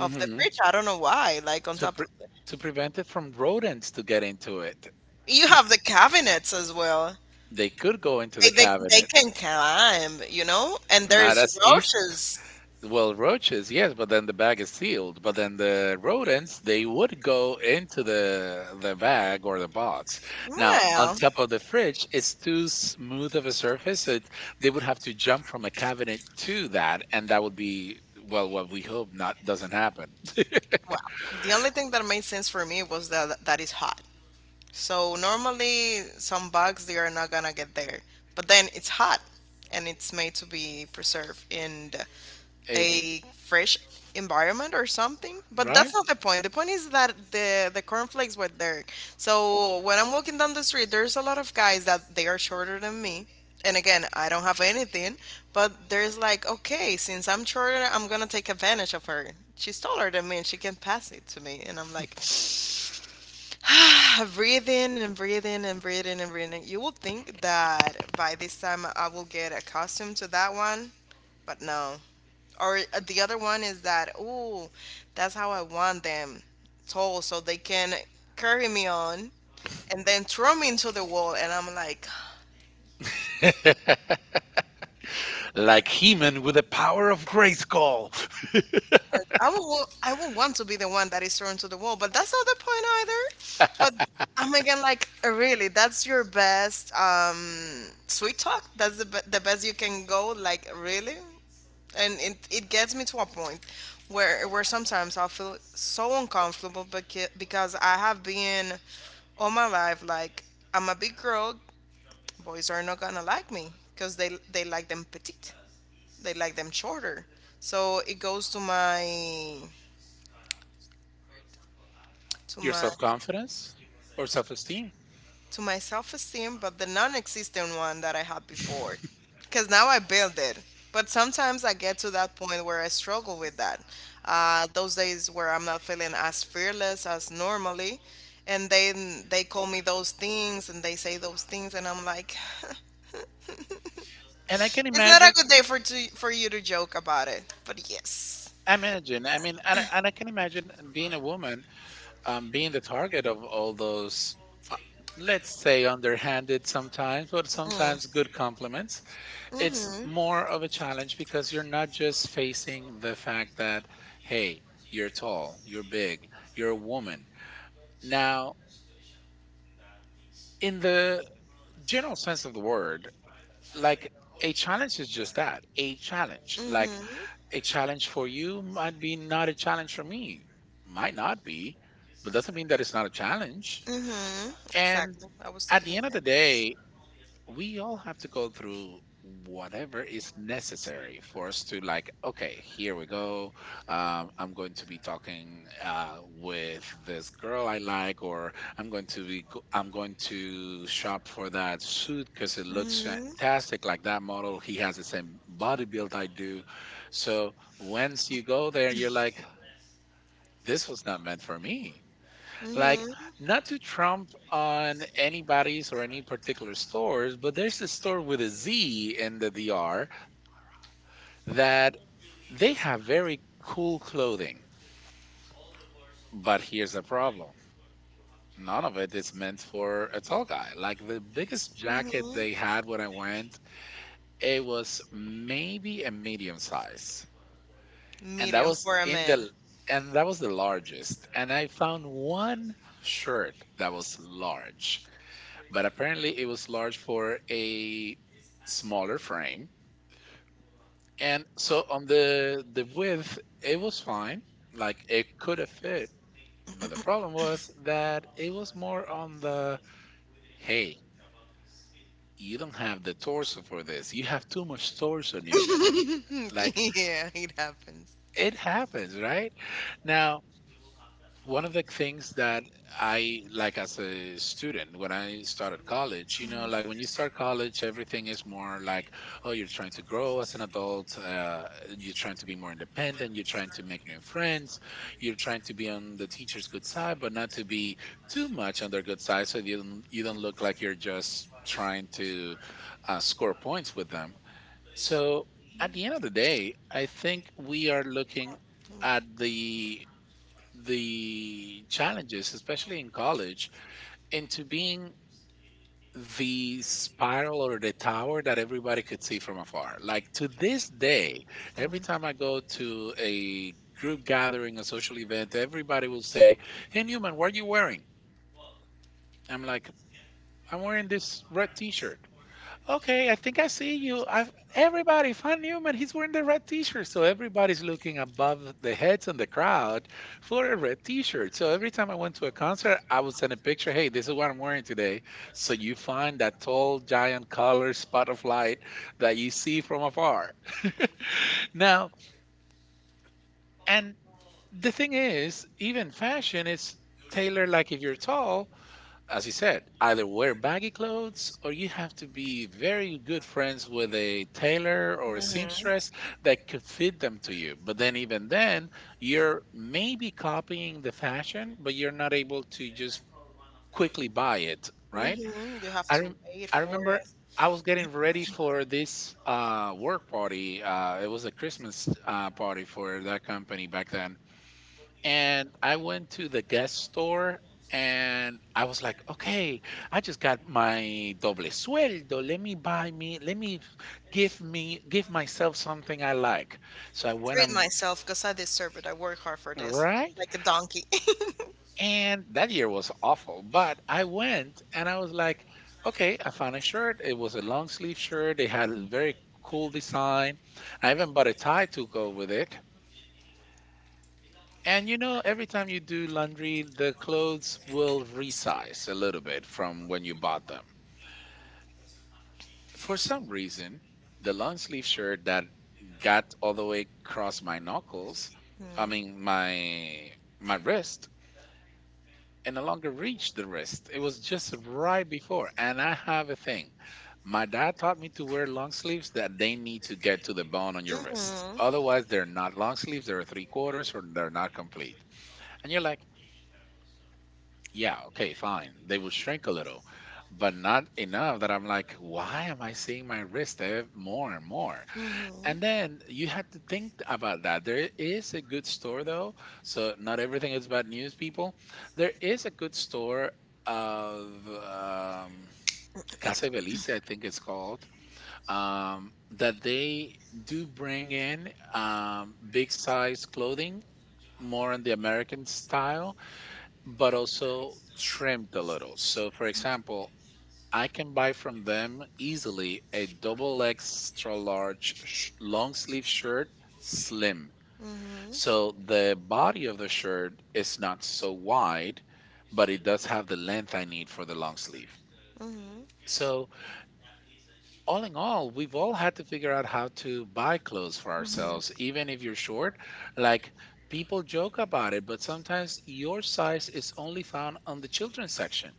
[SPEAKER 1] of the fridge. I don't know why. Like on
[SPEAKER 2] to,
[SPEAKER 1] top
[SPEAKER 2] pre-
[SPEAKER 1] of the,
[SPEAKER 2] to prevent it, from rodents to get into it.
[SPEAKER 1] you have the cabinets as well.
[SPEAKER 2] They could go into
[SPEAKER 1] They,
[SPEAKER 2] the
[SPEAKER 1] they, they
[SPEAKER 2] cabinet.
[SPEAKER 1] can climb, you know, and yeah,
[SPEAKER 2] Not
[SPEAKER 1] there's
[SPEAKER 2] as easy.
[SPEAKER 1] roaches.
[SPEAKER 2] Well, roaches, yes, but then the bag is sealed, but then the rodents, they would go into the bag or the box. Now, on
[SPEAKER 1] Well,
[SPEAKER 2] top of the fridge, it's too smooth of a surface, so it, they would have to jump from a cabinet to that, and that would be, well, what we hope, not doesn't happen.
[SPEAKER 1] Well, the only thing that made sense for me was that that is hot. So normally some bugs, they are not gonna get there. But then it's hot and it's made to be preserved in
[SPEAKER 2] It,
[SPEAKER 1] a fresh environment or something. But
[SPEAKER 2] right?
[SPEAKER 1] that's not the point. The point is that the cornflakes were there. So when I'm walking down the street, there's a lot of guys that they are shorter than me. And again, I don't have anything, but there's like, okay, since I'm shorter, I'm gonna take advantage of her. She's taller than me and she can pass it to me. And I'm like, breathe in and breathe in and breathe in and breathe in. You would think that by this time I will get accustomed to that one, but no. Or the other one is that, ooh, that's how I want them tall so they can carry me on and then throw me into the wall. And I'm like,
[SPEAKER 2] Like He-Man with the power of Grayskull.
[SPEAKER 1] I will want to be the one that is thrown to the wall, but that's not the point either. But I'm again like, really, that's your best sweet talk. That's the best you can go. Like, really, and it gets me to a point where sometimes I feel so uncomfortable because I have been all my life like I'm a big girl. Boys are not gonna like me because they like them petite. They like them shorter. So it goes to my, to your
[SPEAKER 2] Your
[SPEAKER 1] my
[SPEAKER 2] self-confidence or self-esteem.
[SPEAKER 1] to my self-esteem, but the non-existent one that I had before, because now I build it. But sometimes I get to that point where I struggle with that. Uh, those days where I'm not feeling as fearless as normally, and then they call me those things and they say those things and I'm like,
[SPEAKER 2] And I can
[SPEAKER 1] it's not a
[SPEAKER 2] imagine,
[SPEAKER 1] good day for to, for you to joke about it, but yes.
[SPEAKER 2] I imagine, and I can imagine being a woman, being the target of all those, uh, let's say underhanded sometimes, but sometimes good compliments. It's more of a challenge because you're not just facing the fact that, hey, you're tall, you're big, you're a woman. Now, in the general sense of the word, like a challenge is just that, a challenge. Like a challenge for you might be not a challenge for me, might not be, but doesn't mean that it's not a challenge.
[SPEAKER 1] Mm-hmm.
[SPEAKER 2] And
[SPEAKER 1] Exactly, I was
[SPEAKER 2] at the
[SPEAKER 1] thinking
[SPEAKER 2] end of the
[SPEAKER 1] same.
[SPEAKER 2] day, we all have to go through whatever is necessary for us to, like, okay, here we go. I'm going to be talking with this girl I like, or I'm going to be I'm going to shop for that suit because it looks fantastic. Like that model, he has the same body build I do. So once you go there, you're like, this was not meant for me. Like,
[SPEAKER 1] Like,
[SPEAKER 2] not to trump on anybody's or any particular stores, but there's a store with a Z in the D.R.
[SPEAKER 1] and
[SPEAKER 2] that they have very cool clothing, but here's the problem: none of it
[SPEAKER 1] a
[SPEAKER 2] is meant for a tall guy. Like the biggest jacket they had when I went, it was maybe a medium size, and that
[SPEAKER 1] Medium
[SPEAKER 2] was in the and that was the largest. And I found one shirt that was large, but apparently it was large for a smaller frame. And so on the width, it was fine. Like it could have fit. But the problem was that it was more on the, hey, you don't have the torso for this. You have too much torso,
[SPEAKER 1] in
[SPEAKER 2] Newman.
[SPEAKER 1] there. Like,
[SPEAKER 2] Like
[SPEAKER 1] yeah, it happens.
[SPEAKER 2] it happens, right? Now, one of the things that I like as a student when I started college, you know, like when you start college, everything is more like, oh, you're trying to grow as an adult, you're trying to be more independent, you're trying to make new friends, you're trying to be on the teacher's good side, but not to be too much on their good side, so you don't look like you're just trying to score points with them. So at the end of the day, I think we are looking at the challenges, especially in college, into being the spiral or the tower that everybody could see from afar. Like to this day, every time I go to a group gathering, a social event, everybody will say, hey Newman, what are you wearing? I'm like, I'm wearing this red t shirt. Okay, I think I see you. I've everybody, Fan Newman, he's wearing the red t-shirt. So everybody's looking above the heads in the crowd for a red t-shirt. So every time I went to a concert, I would send a picture, hey, this is what I'm wearing today. So you find that tall, giant color spot of light that you see from afar. Now, and the thing is, even fashion is tailored. Like if you're tall, as you said, either wear baggy clothes or you have to be very good friends with a tailor or a seamstress that could fit them to you. But then, even then, you're maybe copying the fashion, but you're not able to just quickly buy it, right?
[SPEAKER 1] Hmm. You have
[SPEAKER 2] I,
[SPEAKER 1] to
[SPEAKER 2] rem-
[SPEAKER 1] wait
[SPEAKER 2] I
[SPEAKER 1] for
[SPEAKER 2] remember
[SPEAKER 1] it.
[SPEAKER 2] I was getting ready for this work party. It was a Christmas party for that company back then. And I went to the guest store and I was like, okay, I just got my doble sueldo. Let me give me, give myself something I like. So I went
[SPEAKER 1] Treat
[SPEAKER 2] and,
[SPEAKER 1] myself because I deserve it. I work hard for this,
[SPEAKER 2] right?
[SPEAKER 1] like a donkey.
[SPEAKER 2] And that year was awful, but I went and I was like, okay, I found a shirt. It was a long sleeve shirt. They had a very cool design. I even bought a tie to go with it. And you know, every time you do laundry, the clothes will resize a little bit from when you bought them. For some reason, the long sleeve shirt that got all the way across my knuckles, I mean my wrist, and no longer reached the wrist. It was just right before. And I have a thing. My dad taught me to wear long sleeves that they need to get to the bone on your wrist.
[SPEAKER 1] Hmm.
[SPEAKER 2] Otherwise, they're not long sleeves, they're three quarters, or they're not complete. And you're like, yeah, okay, fine. They will shrink a little, but not enough that I'm like, why am I seeing my wrist more and more?
[SPEAKER 1] Hmm.
[SPEAKER 2] And then you had to think about that. There is a good store though, so not everything is bad news, people. There is a good store of Casa Belice, I think it's called, that they do bring in big size clothing, more in the American style, but also trimmed a little. So, for example, I can buy from them easily a double extra large long sleeve shirt, slim.
[SPEAKER 1] Hmm.
[SPEAKER 2] So the body of the shirt is not so wide, but it does have the length I need for the long sleeve.
[SPEAKER 1] Hmm.
[SPEAKER 2] So, all in all, we've all had to figure out how to buy clothes for ourselves, even if you're short. Like, people joke about it, but sometimes your size is only found on the children's section.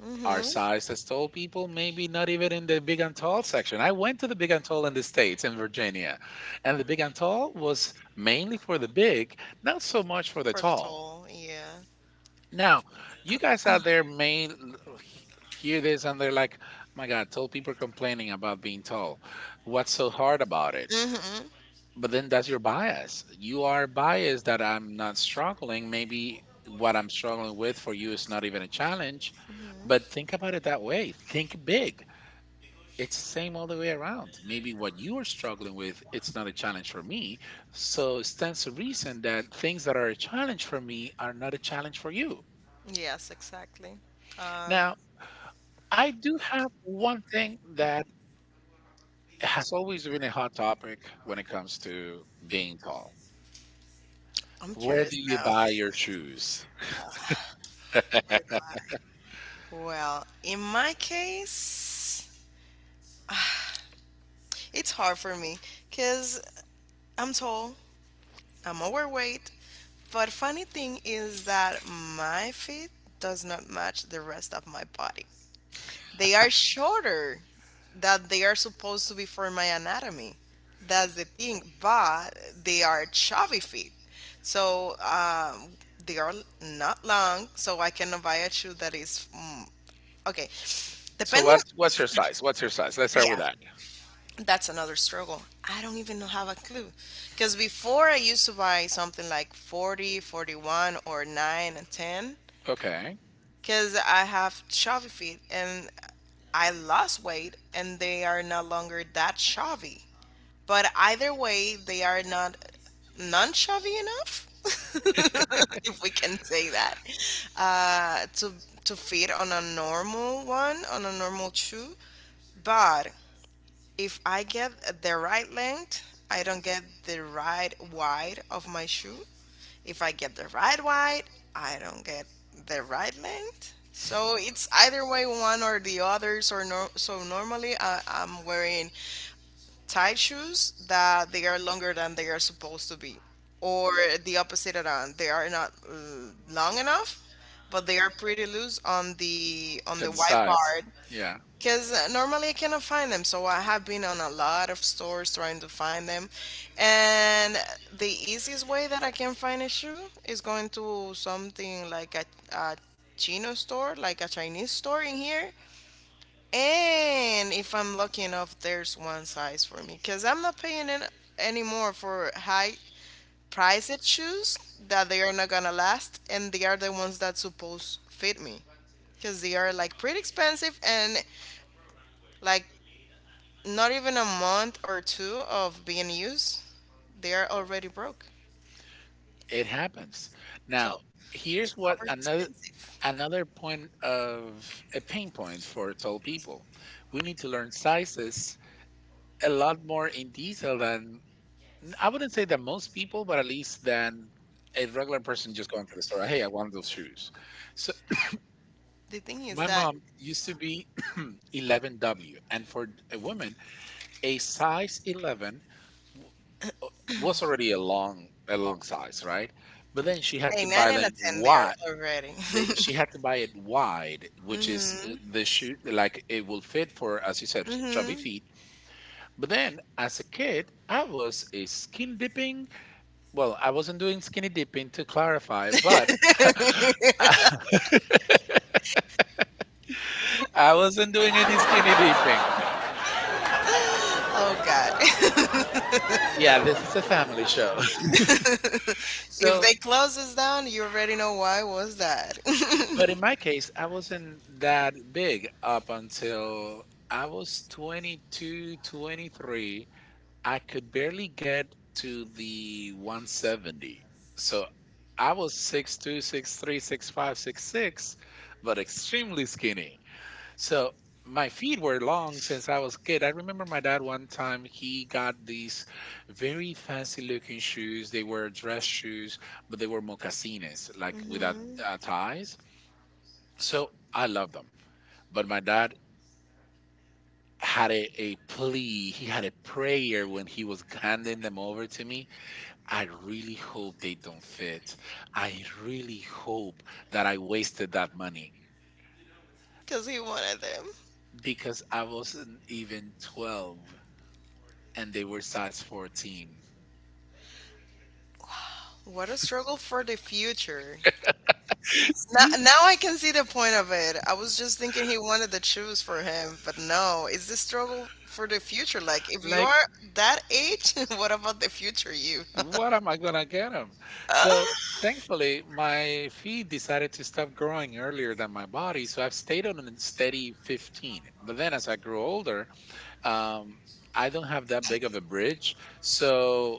[SPEAKER 1] Hmm.
[SPEAKER 2] Our size as tall people, maybe not even in the big and tall section. I went to the big and tall in the States, in Virginia, and the big and tall was mainly for the big, not so much for the
[SPEAKER 1] For the
[SPEAKER 2] tall.
[SPEAKER 1] toll, yeah.
[SPEAKER 2] Now, you guys out there may he- hear this and they're like, my God, tall people are complaining about being tall. What's so hard about it?
[SPEAKER 1] Mm-hmm.
[SPEAKER 2] But then that's your bias. You are biased that I'm not struggling. Maybe what I'm struggling with for you is not even a challenge. But think about it that way. Think big. It's the same all the way around. Maybe what you are struggling with, it's not a challenge for me. So it stands to reason that things that are a challenge for me are not a challenge for you.
[SPEAKER 1] Yes, exactly. Um,
[SPEAKER 2] Now, I do have one thing that has always been a hot topic when it comes to being tall.
[SPEAKER 1] I'm
[SPEAKER 2] Where do
[SPEAKER 1] curious
[SPEAKER 2] you buy your shoes?
[SPEAKER 1] now. Well, in my case, it's hard for me because I'm tall, I'm overweight, but funny thing is that my feet does not match the rest of my body. They are shorter that they are supposed to be for my anatomy. That's the thing. But they are chubby feet. So they are not long. So I cannot buy a shoe that is okay.
[SPEAKER 2] So
[SPEAKER 1] Depending,
[SPEAKER 2] what's your size? What's your size? Let's start
[SPEAKER 1] yeah,
[SPEAKER 2] with that.
[SPEAKER 1] that's another struggle. I don't even have a clue. Because before I used to buy something like 40, 41, or 9 and 10
[SPEAKER 2] Okay.
[SPEAKER 1] because I have chubby feet and I lost weight and they are no longer that chubby. But either way, they are not non chubby enough, if we can say that, to fit on a normal one on a normal shoe. But if I get the right length, I don't get the right wide of my shoe. If I get the right wide, I don't get the right length. So it's either way one or the others or no, so normally I'm wearing tight shoes that they are longer than they are supposed to be, or the opposite around they are not long enough but they are pretty loose on the
[SPEAKER 2] And the
[SPEAKER 1] wide
[SPEAKER 2] size.
[SPEAKER 1] part.
[SPEAKER 2] Yeah,
[SPEAKER 1] Because normally I cannot find them, so I have been on a lot of stores trying to find them. And the easiest way that I can find a shoe is going to something like a Chino store, like a Chinese store in here. And if I'm lucky enough, there's one size for me. Because I'm not paying an anymore for high priced shoes that they are not gonna last, and they are the ones that supposed fit me because they are like pretty expensive and like not even a month or two of being used, they are already broke.
[SPEAKER 2] it happens. Now,
[SPEAKER 1] So it's
[SPEAKER 2] here's what
[SPEAKER 1] over expensive.
[SPEAKER 2] another point of a pain point for tall people. We need to learn sizes a lot more in detail than I wouldn't say that most people, but at least than a regular person just going to the store. Hey, I want those shoes. So
[SPEAKER 1] The thing is
[SPEAKER 2] my
[SPEAKER 1] that
[SPEAKER 2] mom used to be 11W, and for a woman, a size 11 w- was already a long size, right? But then she had
[SPEAKER 1] a
[SPEAKER 2] to
[SPEAKER 1] nine
[SPEAKER 2] buy
[SPEAKER 1] and a
[SPEAKER 2] them
[SPEAKER 1] ten, they are
[SPEAKER 2] wide.
[SPEAKER 1] already.
[SPEAKER 2] She had to buy it wide, which is
[SPEAKER 1] Hmm.
[SPEAKER 2] the shoe, like it will fit for, as you said, chubby
[SPEAKER 1] Hmm.
[SPEAKER 2] feet. But then as a kid, I was a skin dipping. Well, I wasn't doing skinny dipping, to clarify, but I wasn't doing any skinny dipping.
[SPEAKER 1] Oh God.
[SPEAKER 2] Yeah, this is a family show.
[SPEAKER 1] If
[SPEAKER 2] So,
[SPEAKER 1] they close us down, you already know why was that.
[SPEAKER 2] but in my case, I wasn't that big up until I was 22, 23. I could barely get to the 170. So I was 6'2", 6'3", 6'5", 6'6", but extremely skinny. So my feet were long since I was a kid. I remember my dad one time he got these very fancy looking shoes. They were dress shoes, but they were moccasines, like without ties. So I love them. But my dad had a plea. He had a prayer when he was handing them over to me. I really hope they don't fit. I really hope that I wasted that money
[SPEAKER 1] Because he wanted them.
[SPEAKER 2] because I wasn't even 12 and they were size 14.
[SPEAKER 1] What a struggle for the future. Now, now I can see the point of it. I was just thinking he wanted the shoes for him, but no, it's the struggle for the future. Like, if you
[SPEAKER 2] Like,
[SPEAKER 1] are that age, what about the future you?
[SPEAKER 2] what am I gonna get him? So thankfully my feet decided to stop growing earlier than my body, so I've stayed on a steady 15. But then as I grew older, um, I don't have that big of a bridge. So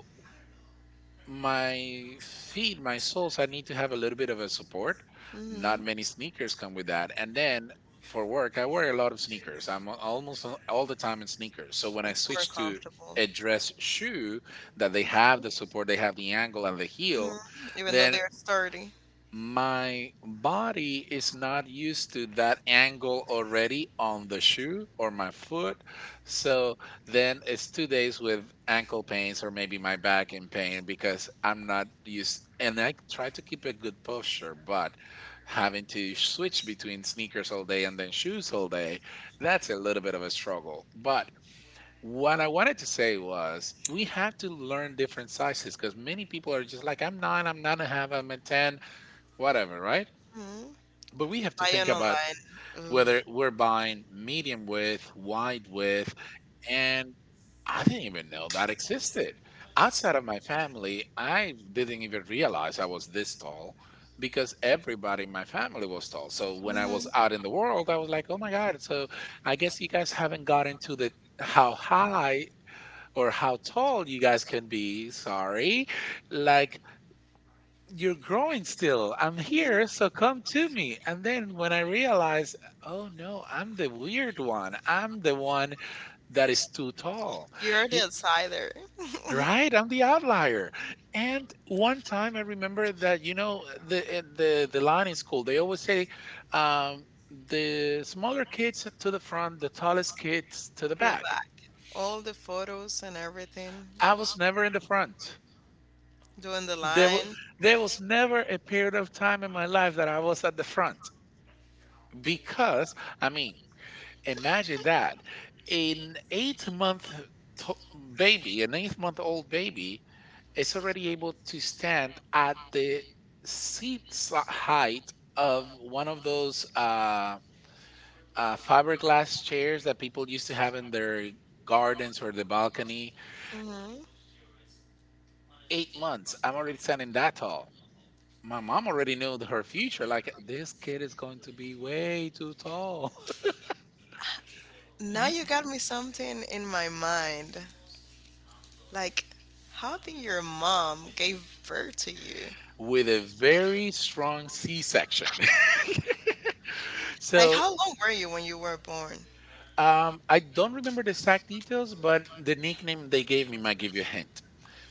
[SPEAKER 2] my feet, my soles, I need to have a little bit of a support. Not
[SPEAKER 1] Not
[SPEAKER 2] many sneakers come with that. And then for work, I wear a lot of sneakers. I'm almost all the time in sneakers. So when I
[SPEAKER 1] super
[SPEAKER 2] switch to
[SPEAKER 1] comfortable.
[SPEAKER 2] a dress shoe that they have the support, they have the angle and the
[SPEAKER 1] Hmm.
[SPEAKER 2] heel,
[SPEAKER 1] Even
[SPEAKER 2] then
[SPEAKER 1] sturdy.
[SPEAKER 2] my body is not used to that angle already on the shoe or my foot. So then it's 2 days with ankle pains or maybe my back in pain because I'm not used. And I try to keep a good posture, but having to switch between sneakers all day and then shoes all day, that's a little bit of a struggle. But what I wanted to say was we have to learn different sizes because many people are just like, I'm nine and a half, I'm a 10 whatever, right?
[SPEAKER 1] Hmm.
[SPEAKER 2] But we have to think about whether we're buying medium width, wide width, and I didn't even know that existed. Outside of my family, I didn't even realize I was this tall because everybody in my family was tall. So when I
[SPEAKER 1] Hmm.
[SPEAKER 2] was out in the world, I was like, oh my God, so I guess you guys haven't gotten to the how high or how tall you guys can be. Sorry. Like, you're growing still. I'm here, so come to me. And then when I realize, oh no, I'm the weird one. I'm the one that is too tall.
[SPEAKER 1] You're
[SPEAKER 2] Y-
[SPEAKER 1] the outsider.
[SPEAKER 2] Right? I'm the outlier. And one time I remember that, you know, the line in school, they always say, um, the smaller kids to the front, the tallest kids to the
[SPEAKER 1] Go
[SPEAKER 2] back.
[SPEAKER 1] back. All the photos and everything.
[SPEAKER 2] I was never in the front.
[SPEAKER 1] Doing the
[SPEAKER 2] There, w-
[SPEAKER 1] line.
[SPEAKER 2] there was never a period of time in my life that I was at the front. Because, I mean, imagine that an eight month an 8 month old baby, is already able to stand at the height of one of those fiberglass chairs that people used to have in their gardens or the balcony.
[SPEAKER 1] Hmm.
[SPEAKER 2] 8 months. I'm already standing that tall. My mom already knew her future. Like, this kid is going to be way too tall.
[SPEAKER 1] Now you got me something in my mind. Like, how did your mom gave birth to you?
[SPEAKER 2] With a very strong C section.
[SPEAKER 1] Like,
[SPEAKER 2] so
[SPEAKER 1] how long were you when you were born?
[SPEAKER 2] I don't remember the exact details, but the nickname they gave me might give you a hint.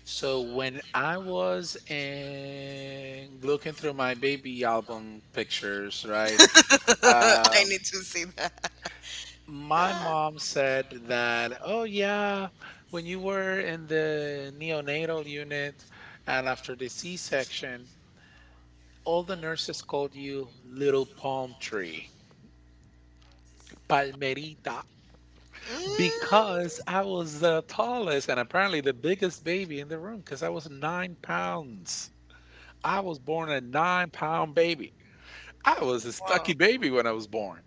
[SPEAKER 2] So when I was in, looking through my baby album pictures, right?
[SPEAKER 1] I
[SPEAKER 2] Um,
[SPEAKER 1] need to see that.
[SPEAKER 2] my
[SPEAKER 1] Ah.
[SPEAKER 2] mom said that, oh yeah, when you were in the neonatal unit and after the C-section, all the nurses called you little palm tree, palmerita, because I was the tallest and apparently the biggest baby in the
[SPEAKER 1] Mm.
[SPEAKER 2] room because I was 9 pounds. I was born a 9 pound baby. I was a
[SPEAKER 1] Whoa.
[SPEAKER 2] stucky baby when I was born.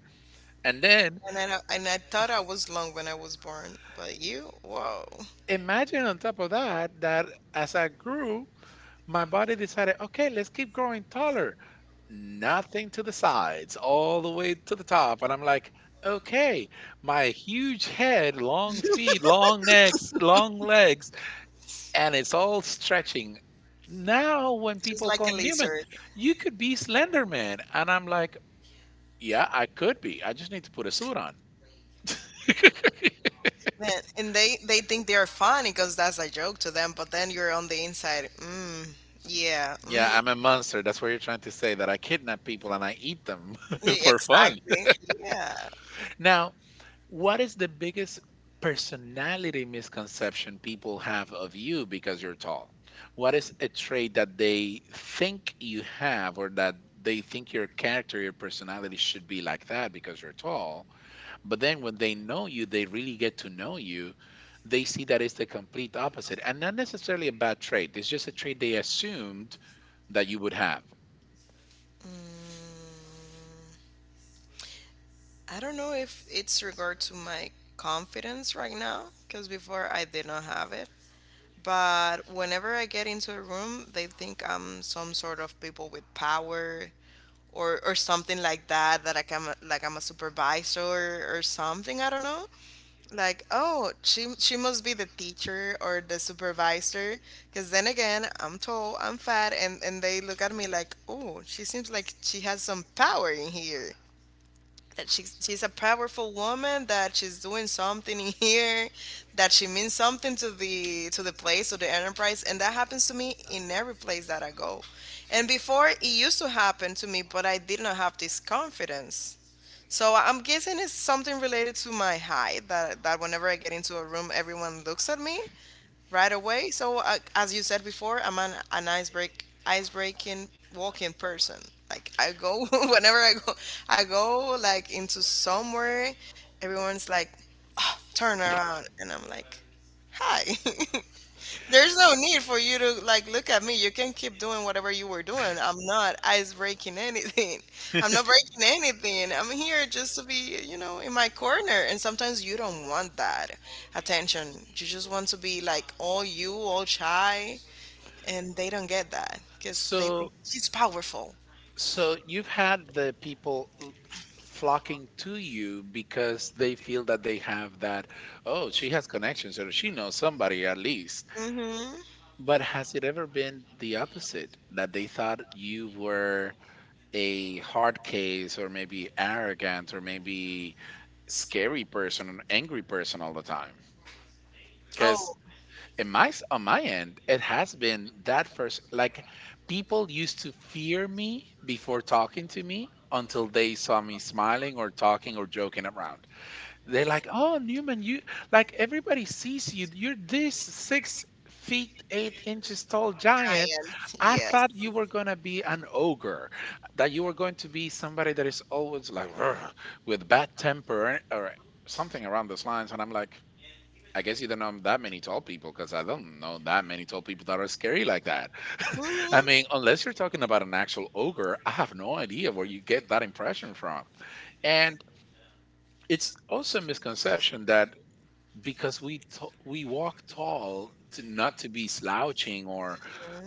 [SPEAKER 2] And then
[SPEAKER 1] And then and I thought I was long when I was born, but you, whoa,
[SPEAKER 2] imagine on top of that, that as I grew, my body decided, okay, let's keep growing taller. Nothing to the sides, all the way to the top. And I'm like, okay, my huge head, long feet, long necks, long legs and it's all stretching. Now, when
[SPEAKER 1] just
[SPEAKER 2] people
[SPEAKER 1] like
[SPEAKER 2] call
[SPEAKER 1] a
[SPEAKER 2] Newman,
[SPEAKER 1] lizard,
[SPEAKER 2] you could be Slender Man. And I'm like, yeah, I could be. I just need to put a suit on.
[SPEAKER 1] man. And they think they are funny because that's a joke to them, but then you're on the inside. Mm, yeah.
[SPEAKER 2] Yeah,
[SPEAKER 1] Mhm.
[SPEAKER 2] I'm a monster. That's what you're trying to say, that I kidnap people and I eat them
[SPEAKER 1] Yeah,
[SPEAKER 2] for fun.
[SPEAKER 1] exactly. Yeah.
[SPEAKER 2] Now, what is the biggest personality misconception people have of you because you're tall? What is a trait that they think you have, or that they think your character, your personality should be like that because you're tall? But then when they know you, they really get to know you, they see that it's the complete opposite. And not necessarily a bad trait, it's just a trait they assumed that you would have.
[SPEAKER 1] Mm, I don't know if it's regard to my confidence right now, because before I did not have it. But whenever I get into a room, they think I'm some sort of people with power or something like that that like I'm a supervisor or something, I don't know. Like, oh, she must be the teacher or the supervisor. Because then again, I'm tall, I'm fat, and they look at me like, "Oh, she seems like she has some power in here." That she's a powerful woman, that she's doing something in here, that she means something to the place, to the enterprise. And that happens to me in every place that I go. And before, it used to happen to me, but I did not have this confidence. So I'm guessing it's something related to my height, that whenever I get into a room, everyone looks at me right away. So, as you said before, I'm an icebreaking, walking person. Like I go whenever I go like into somewhere. Everyone's like, "Ah, turn around," and I'm like, hi. There's no need for you to like look at me. You can keep doing whatever you were doing. I'm not ice breaking anything. I'm not breaking anything. I'm here just to be, in my corner. And sometimes you don't want that attention. You just want to be like all you, all shy, and they don't get that because they
[SPEAKER 2] So
[SPEAKER 1] think she's powerful.
[SPEAKER 2] so you've had the people flocking to you because they feel that they have that, oh, she has connections or she knows somebody at least.
[SPEAKER 1] Mm-hmm.
[SPEAKER 2] But has it ever been the opposite, that they thought you were a hard case or maybe arrogant or maybe scary person, an angry person all the time? Because
[SPEAKER 1] Oh,
[SPEAKER 2] on my end, it has been that first, like, people used to fear me before talking to me until they saw me smiling or talking or joking around. They're like, "Oh, Newman, you like everybody sees you. You're this 6 feet 8 inches tall giant.
[SPEAKER 1] giant.
[SPEAKER 2] I
[SPEAKER 1] Yes.
[SPEAKER 2] thought you were gonna be an ogre, that you were going to be somebody that is always like." "Rrr," with bad temper or something around those lines, and I'm like, I guess you don't know that many tall people because I don't know that many tall people that are scary like that. I mean,
[SPEAKER 1] Mm-hmm.
[SPEAKER 2] unless you're talking about an actual ogre, I have no idea where you get that impression from. And it's also a misconception that because we walk tall to not to be slouching or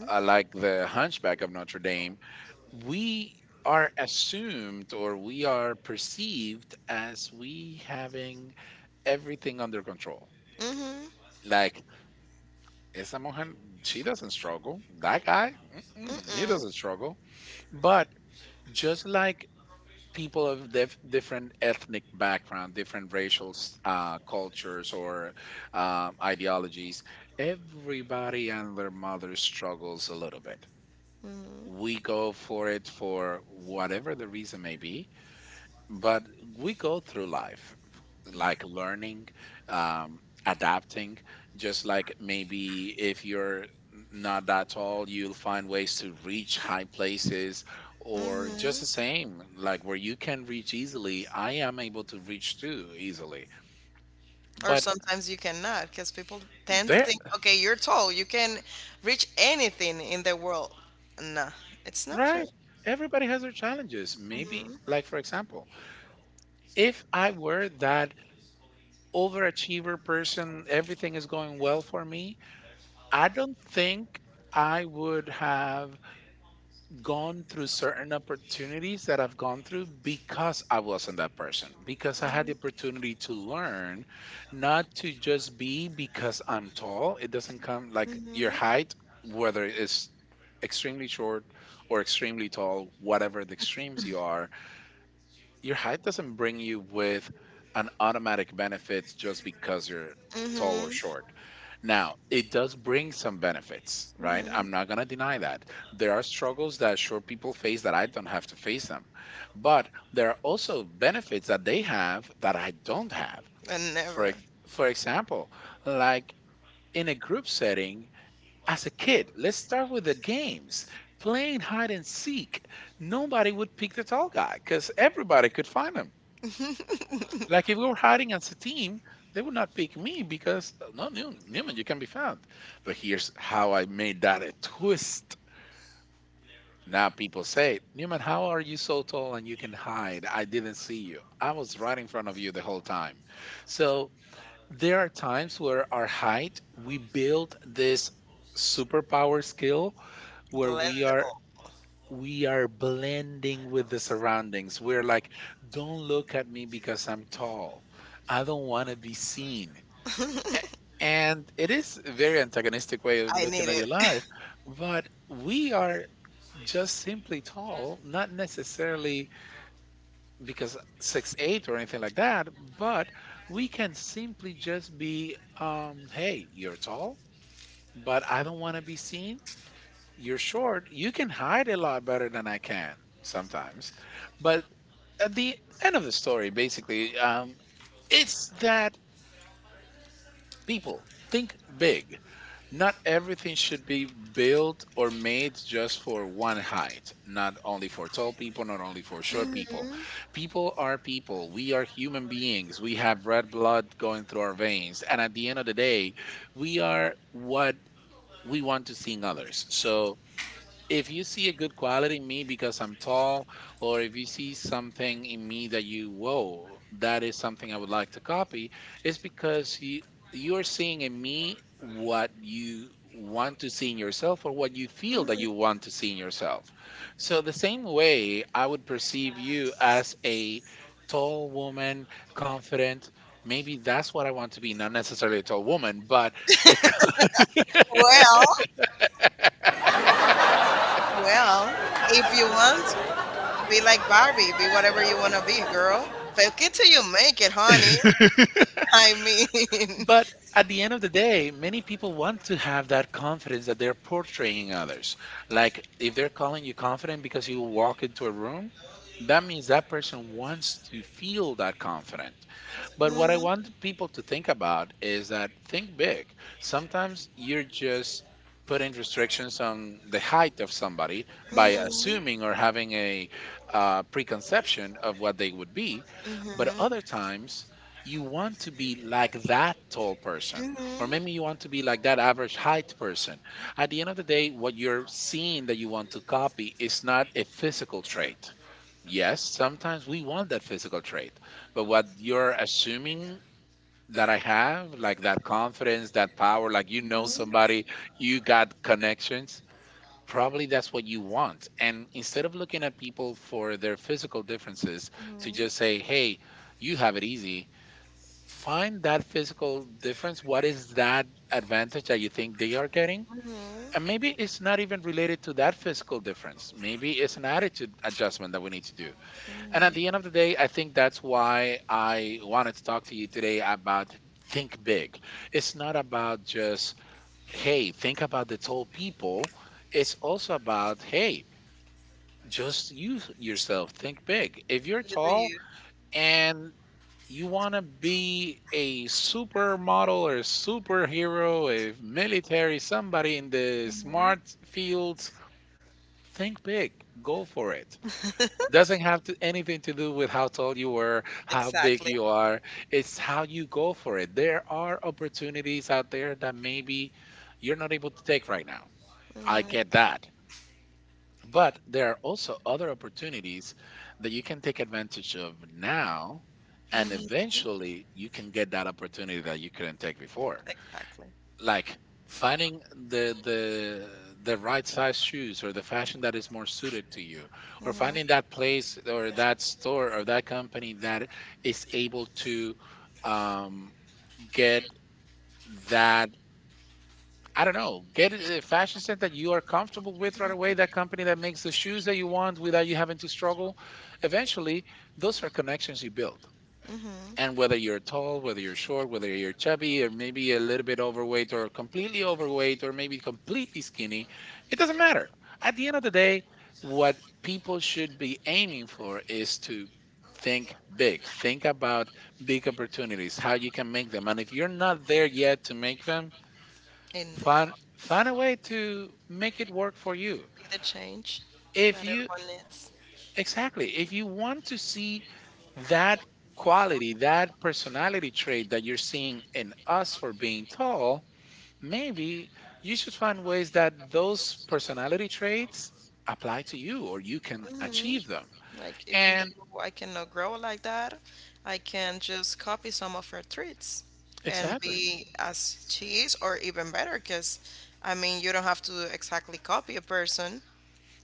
[SPEAKER 2] like the hunchback of Notre Dame, we are assumed, or we are perceived as we having everything under control.
[SPEAKER 1] Mm-hmm.
[SPEAKER 2] Like Esa Mohan, she doesn't struggle. That guy, mm-mm, he
[SPEAKER 1] Mm-mm.
[SPEAKER 2] doesn't struggle. But just like people of different ethnic background, different racial cultures or ideologies, everybody and their mother struggles a little bit.
[SPEAKER 1] Mm. Mm-hmm.
[SPEAKER 2] We go for it for whatever the reason may be, but we go through life like learning um, adapting, just like maybe if you're not that tall you'll find ways to reach high places, or just the same, like, where you can reach easily I am able to reach too easily
[SPEAKER 1] Or
[SPEAKER 2] but
[SPEAKER 1] sometimes you cannot, because people tend to
[SPEAKER 2] there
[SPEAKER 1] think, okay, you're tall, you can reach anything in the world. No, it's not true.
[SPEAKER 2] right, everybody has their challenges. Maybe like, for example, if I were that overachiever person, everything is going well for me, I don't think
[SPEAKER 1] Mm-hmm.
[SPEAKER 2] I would have gone through certain opportunities that I've gone through because I wasn't that person, because I had the opportunity to learn not to just be because I'm tall. It doesn't come like your height, whether it's extremely short or extremely tall, whatever the extremes you are, your height doesn't bring you with an automatic benefit just because you're tall or short. Now, it does bring some benefits, right? I'm not going to deny that. There are struggles that sure people face that I don't have to face them. But there are also benefits that they have that I don't have.
[SPEAKER 1] And for never.
[SPEAKER 2] For example, like in a group setting as a kid, let's start with the games. Playing hide and seek, nobody would pick the tall guy cuz everybody could find him. Like if we were hiring as a team, they would not pick me because no Newman, you can be found. But here's how I made that a twist. Now people say, Newman, how are you so tall and you can hide? I didn't see you. I was right in front of you the whole time. So there are times where our height, we build this superpower skill where we are blending with the surroundings. We're like, don't look at me because I'm tall. I don't want to be seen. A- And it is a very antagonistic way of looking at your life, but we are just simply tall, not necessarily because 6 8 or anything like that, but we can simply just be, hey, you're tall, but I don't want to be seen, you're short, you can hide a lot better than I can sometimes. But at the end of the story, basically, it's that people think big. Not everything should be built or made just for one height, not only for tall people, not only for short people. People are people. We are human beings. We have red blood going through our veins. And at the end of the day, we are what we want to see in others. So if you see a good quality in me because I'm tall, or if you see something in me that you, whoa, that is something I would like to copy, it's because you are seeing in me what you want to see in yourself, or what you feel that you want to see in yourself. So, the same way I would perceive you as a tall woman, confident. Maybe that's what I want to be, not necessarily a tall woman, but
[SPEAKER 1] Well. Well, if you want to be like Barbie, be whatever you want to be, girl. Fake it till you make it, honey. I mean,
[SPEAKER 2] But at the end of the day, many people want to have that confidence that they're portraying others. Like if they're calling you confident because you walk into a room, that means that person wants to feel that confident. But what I
[SPEAKER 1] Hmm.
[SPEAKER 2] want people to think about is that, think big. Sometimes you're just putting restrictions on the height of somebody
[SPEAKER 1] Hmm.
[SPEAKER 2] by assuming or having a preconception of what they would be. But
[SPEAKER 1] Mhm.
[SPEAKER 2] other times, you want to be like that tall person, or maybe you want to be like that average height person. At the end of the day, what you're seeing that you want to copy is not a physical trait, yes, sometimes we want that physical trait, but what you're assuming that I have, like that confidence, that power, like you know somebody, you got connections, probably that's what you want. And instead of looking at people for their physical differences, to just say, hey, you have it easy, find that physical difference. What is that advantage that you think they are getting? And maybe it's not even related to that physical difference. Maybe it's an attitude adjustment that we need to do. And at the end of the day, I think that's why I wanted to talk to you today about think big. It's not about just, hey, think about the tall people. It's also about, hey, just you yourself, think big. If you're tall and you want to be a supermodel or superhero, a military, somebody in the smart fields, think big, go for it doesn't have to, anything to do with how tall you were, how big you are. It's how you go for it. There are opportunities out there that maybe you're not able to take right now. I
[SPEAKER 1] Mhm.
[SPEAKER 2] get that. But there are also other opportunities that you can take advantage of now, and
[SPEAKER 1] Mhm.
[SPEAKER 2] eventually you can get that opportunity that you couldn't take before
[SPEAKER 1] Exactly.
[SPEAKER 2] like finding the the right size shoes or the fashion that is more suited to you, or finding that
[SPEAKER 1] Mhm.
[SPEAKER 2] place or that store or that company that is able to um, get that, I don't know, get a fashion sense that you are comfortable with right away, that company that makes the shoes that you want without you having to struggle. Eventually those are connections you build,
[SPEAKER 1] Mhm.
[SPEAKER 2] and whether you're tall, whether you're short, whether you're chubby, or maybe a little bit overweight, or completely overweight, or maybe completely skinny, it doesn't matter. At the end of the day, what people should be aiming for is to think big, think about big opportunities, how you can make them. And if you're not there yet to make them,
[SPEAKER 1] Indeed.
[SPEAKER 2] find a way to make it work for you.
[SPEAKER 1] Be the change
[SPEAKER 2] If
[SPEAKER 1] that
[SPEAKER 2] you,
[SPEAKER 1] everyone needs.
[SPEAKER 2] exactly, if you want to see that quality, that personality trait that you're seeing in us for being tall, maybe you should find ways that those personality traits apply to you or you can
[SPEAKER 1] Hmm.
[SPEAKER 2] achieve them.
[SPEAKER 1] Like, even
[SPEAKER 2] And
[SPEAKER 1] though I cannot grow like that, I can just copy some of her treats and
[SPEAKER 2] exactly,
[SPEAKER 1] be as she is, or even better. Because I mean, you don't have to exactly copy a person.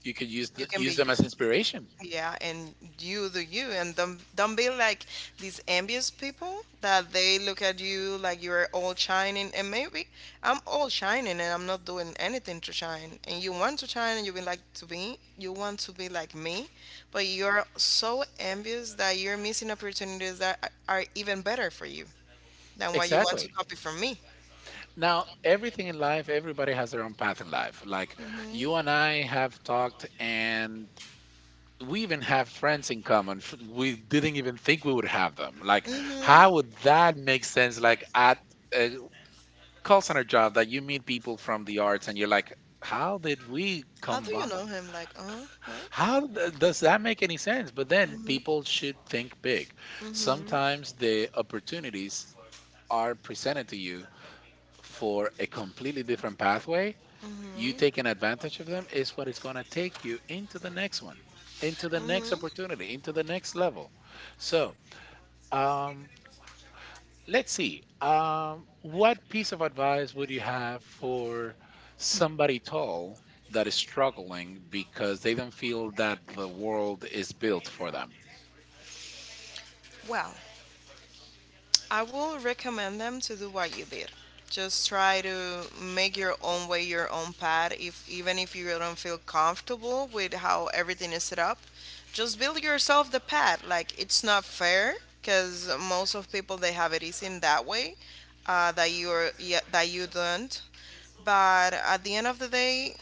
[SPEAKER 2] you could
[SPEAKER 1] You can be
[SPEAKER 2] use them as
[SPEAKER 1] use.
[SPEAKER 2] inspiration.
[SPEAKER 1] Yeah, and you do you, and don't be like these envious people that they look at you like you're all shining, and maybe I'm all shining and I'm not doing anything to shine, and you want to shine and you be like to be, you want to be like me, but you're so envious that you're missing opportunities that are even better for you than what you want, exactly, to
[SPEAKER 2] Exactly.
[SPEAKER 1] copy from me.
[SPEAKER 2] Now, everything in life, everybody has their own path in life. Like you and I have talked, and we even have friends in common. We didn't even think we would have them. Like, how would that make sense? Like, at a call center job, that you meet people from the arts and you're like, how did we
[SPEAKER 1] How do you
[SPEAKER 2] combine?
[SPEAKER 1] know him? Like, uh huh?
[SPEAKER 2] Does that make any sense? But then people should think big. Sometimes the opportunities are presented to you for a completely different pathway, you taking advantage of them is what is going to take you into the next one, into the next opportunity, into the next level. So, um, let's see. What piece of advice would you have for somebody tall that is struggling because they don't feel that the world is built for them?
[SPEAKER 1] Well, I will recommend them to do what you did. Just try to make your own way, your own path. If even if you don't feel comfortable with how everything is set up, just build yourself the path. Like it's not fair because most of people they have it is in that way, that you're, yeah, that you don't. But at the end of the day,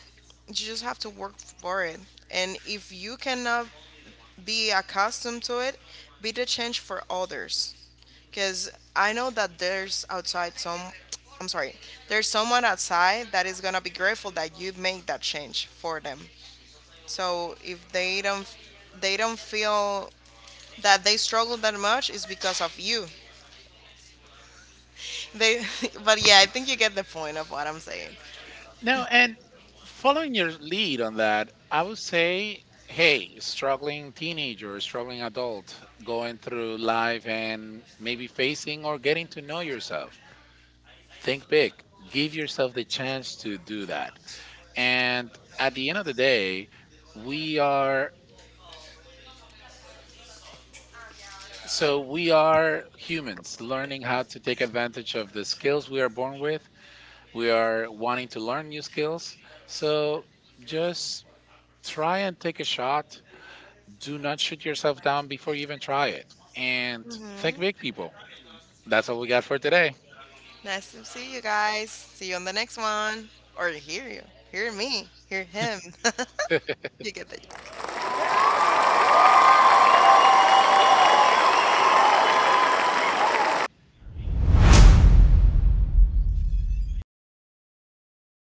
[SPEAKER 1] you just have to work for it. And if you cannot be accustomed to it, be the change for others. Because I know that there's outside some, I'm sorry, there's someone outside that is gonna be grateful that you made that change for them. So if they don't, they don't feel that they struggle that much, it's because of you. They, but yeah, I think you get the point of what I'm saying.
[SPEAKER 2] No, and following your lead on that, I would say, hey, struggling teenager, struggling adult, going through life and maybe facing or getting to know yourself. Think big. Give yourself the chance to do that. And at the end of the day, we are we are humans learning how to take advantage of the skills we are born with. We are wanting to learn new skills. So just try and take a shot, do not shoot yourself down before you even try it. And think big, people. That's all we got for today.
[SPEAKER 1] Nice to see you guys. See you on the next one. Or hear you. Hear me. Hear him. You get the joke.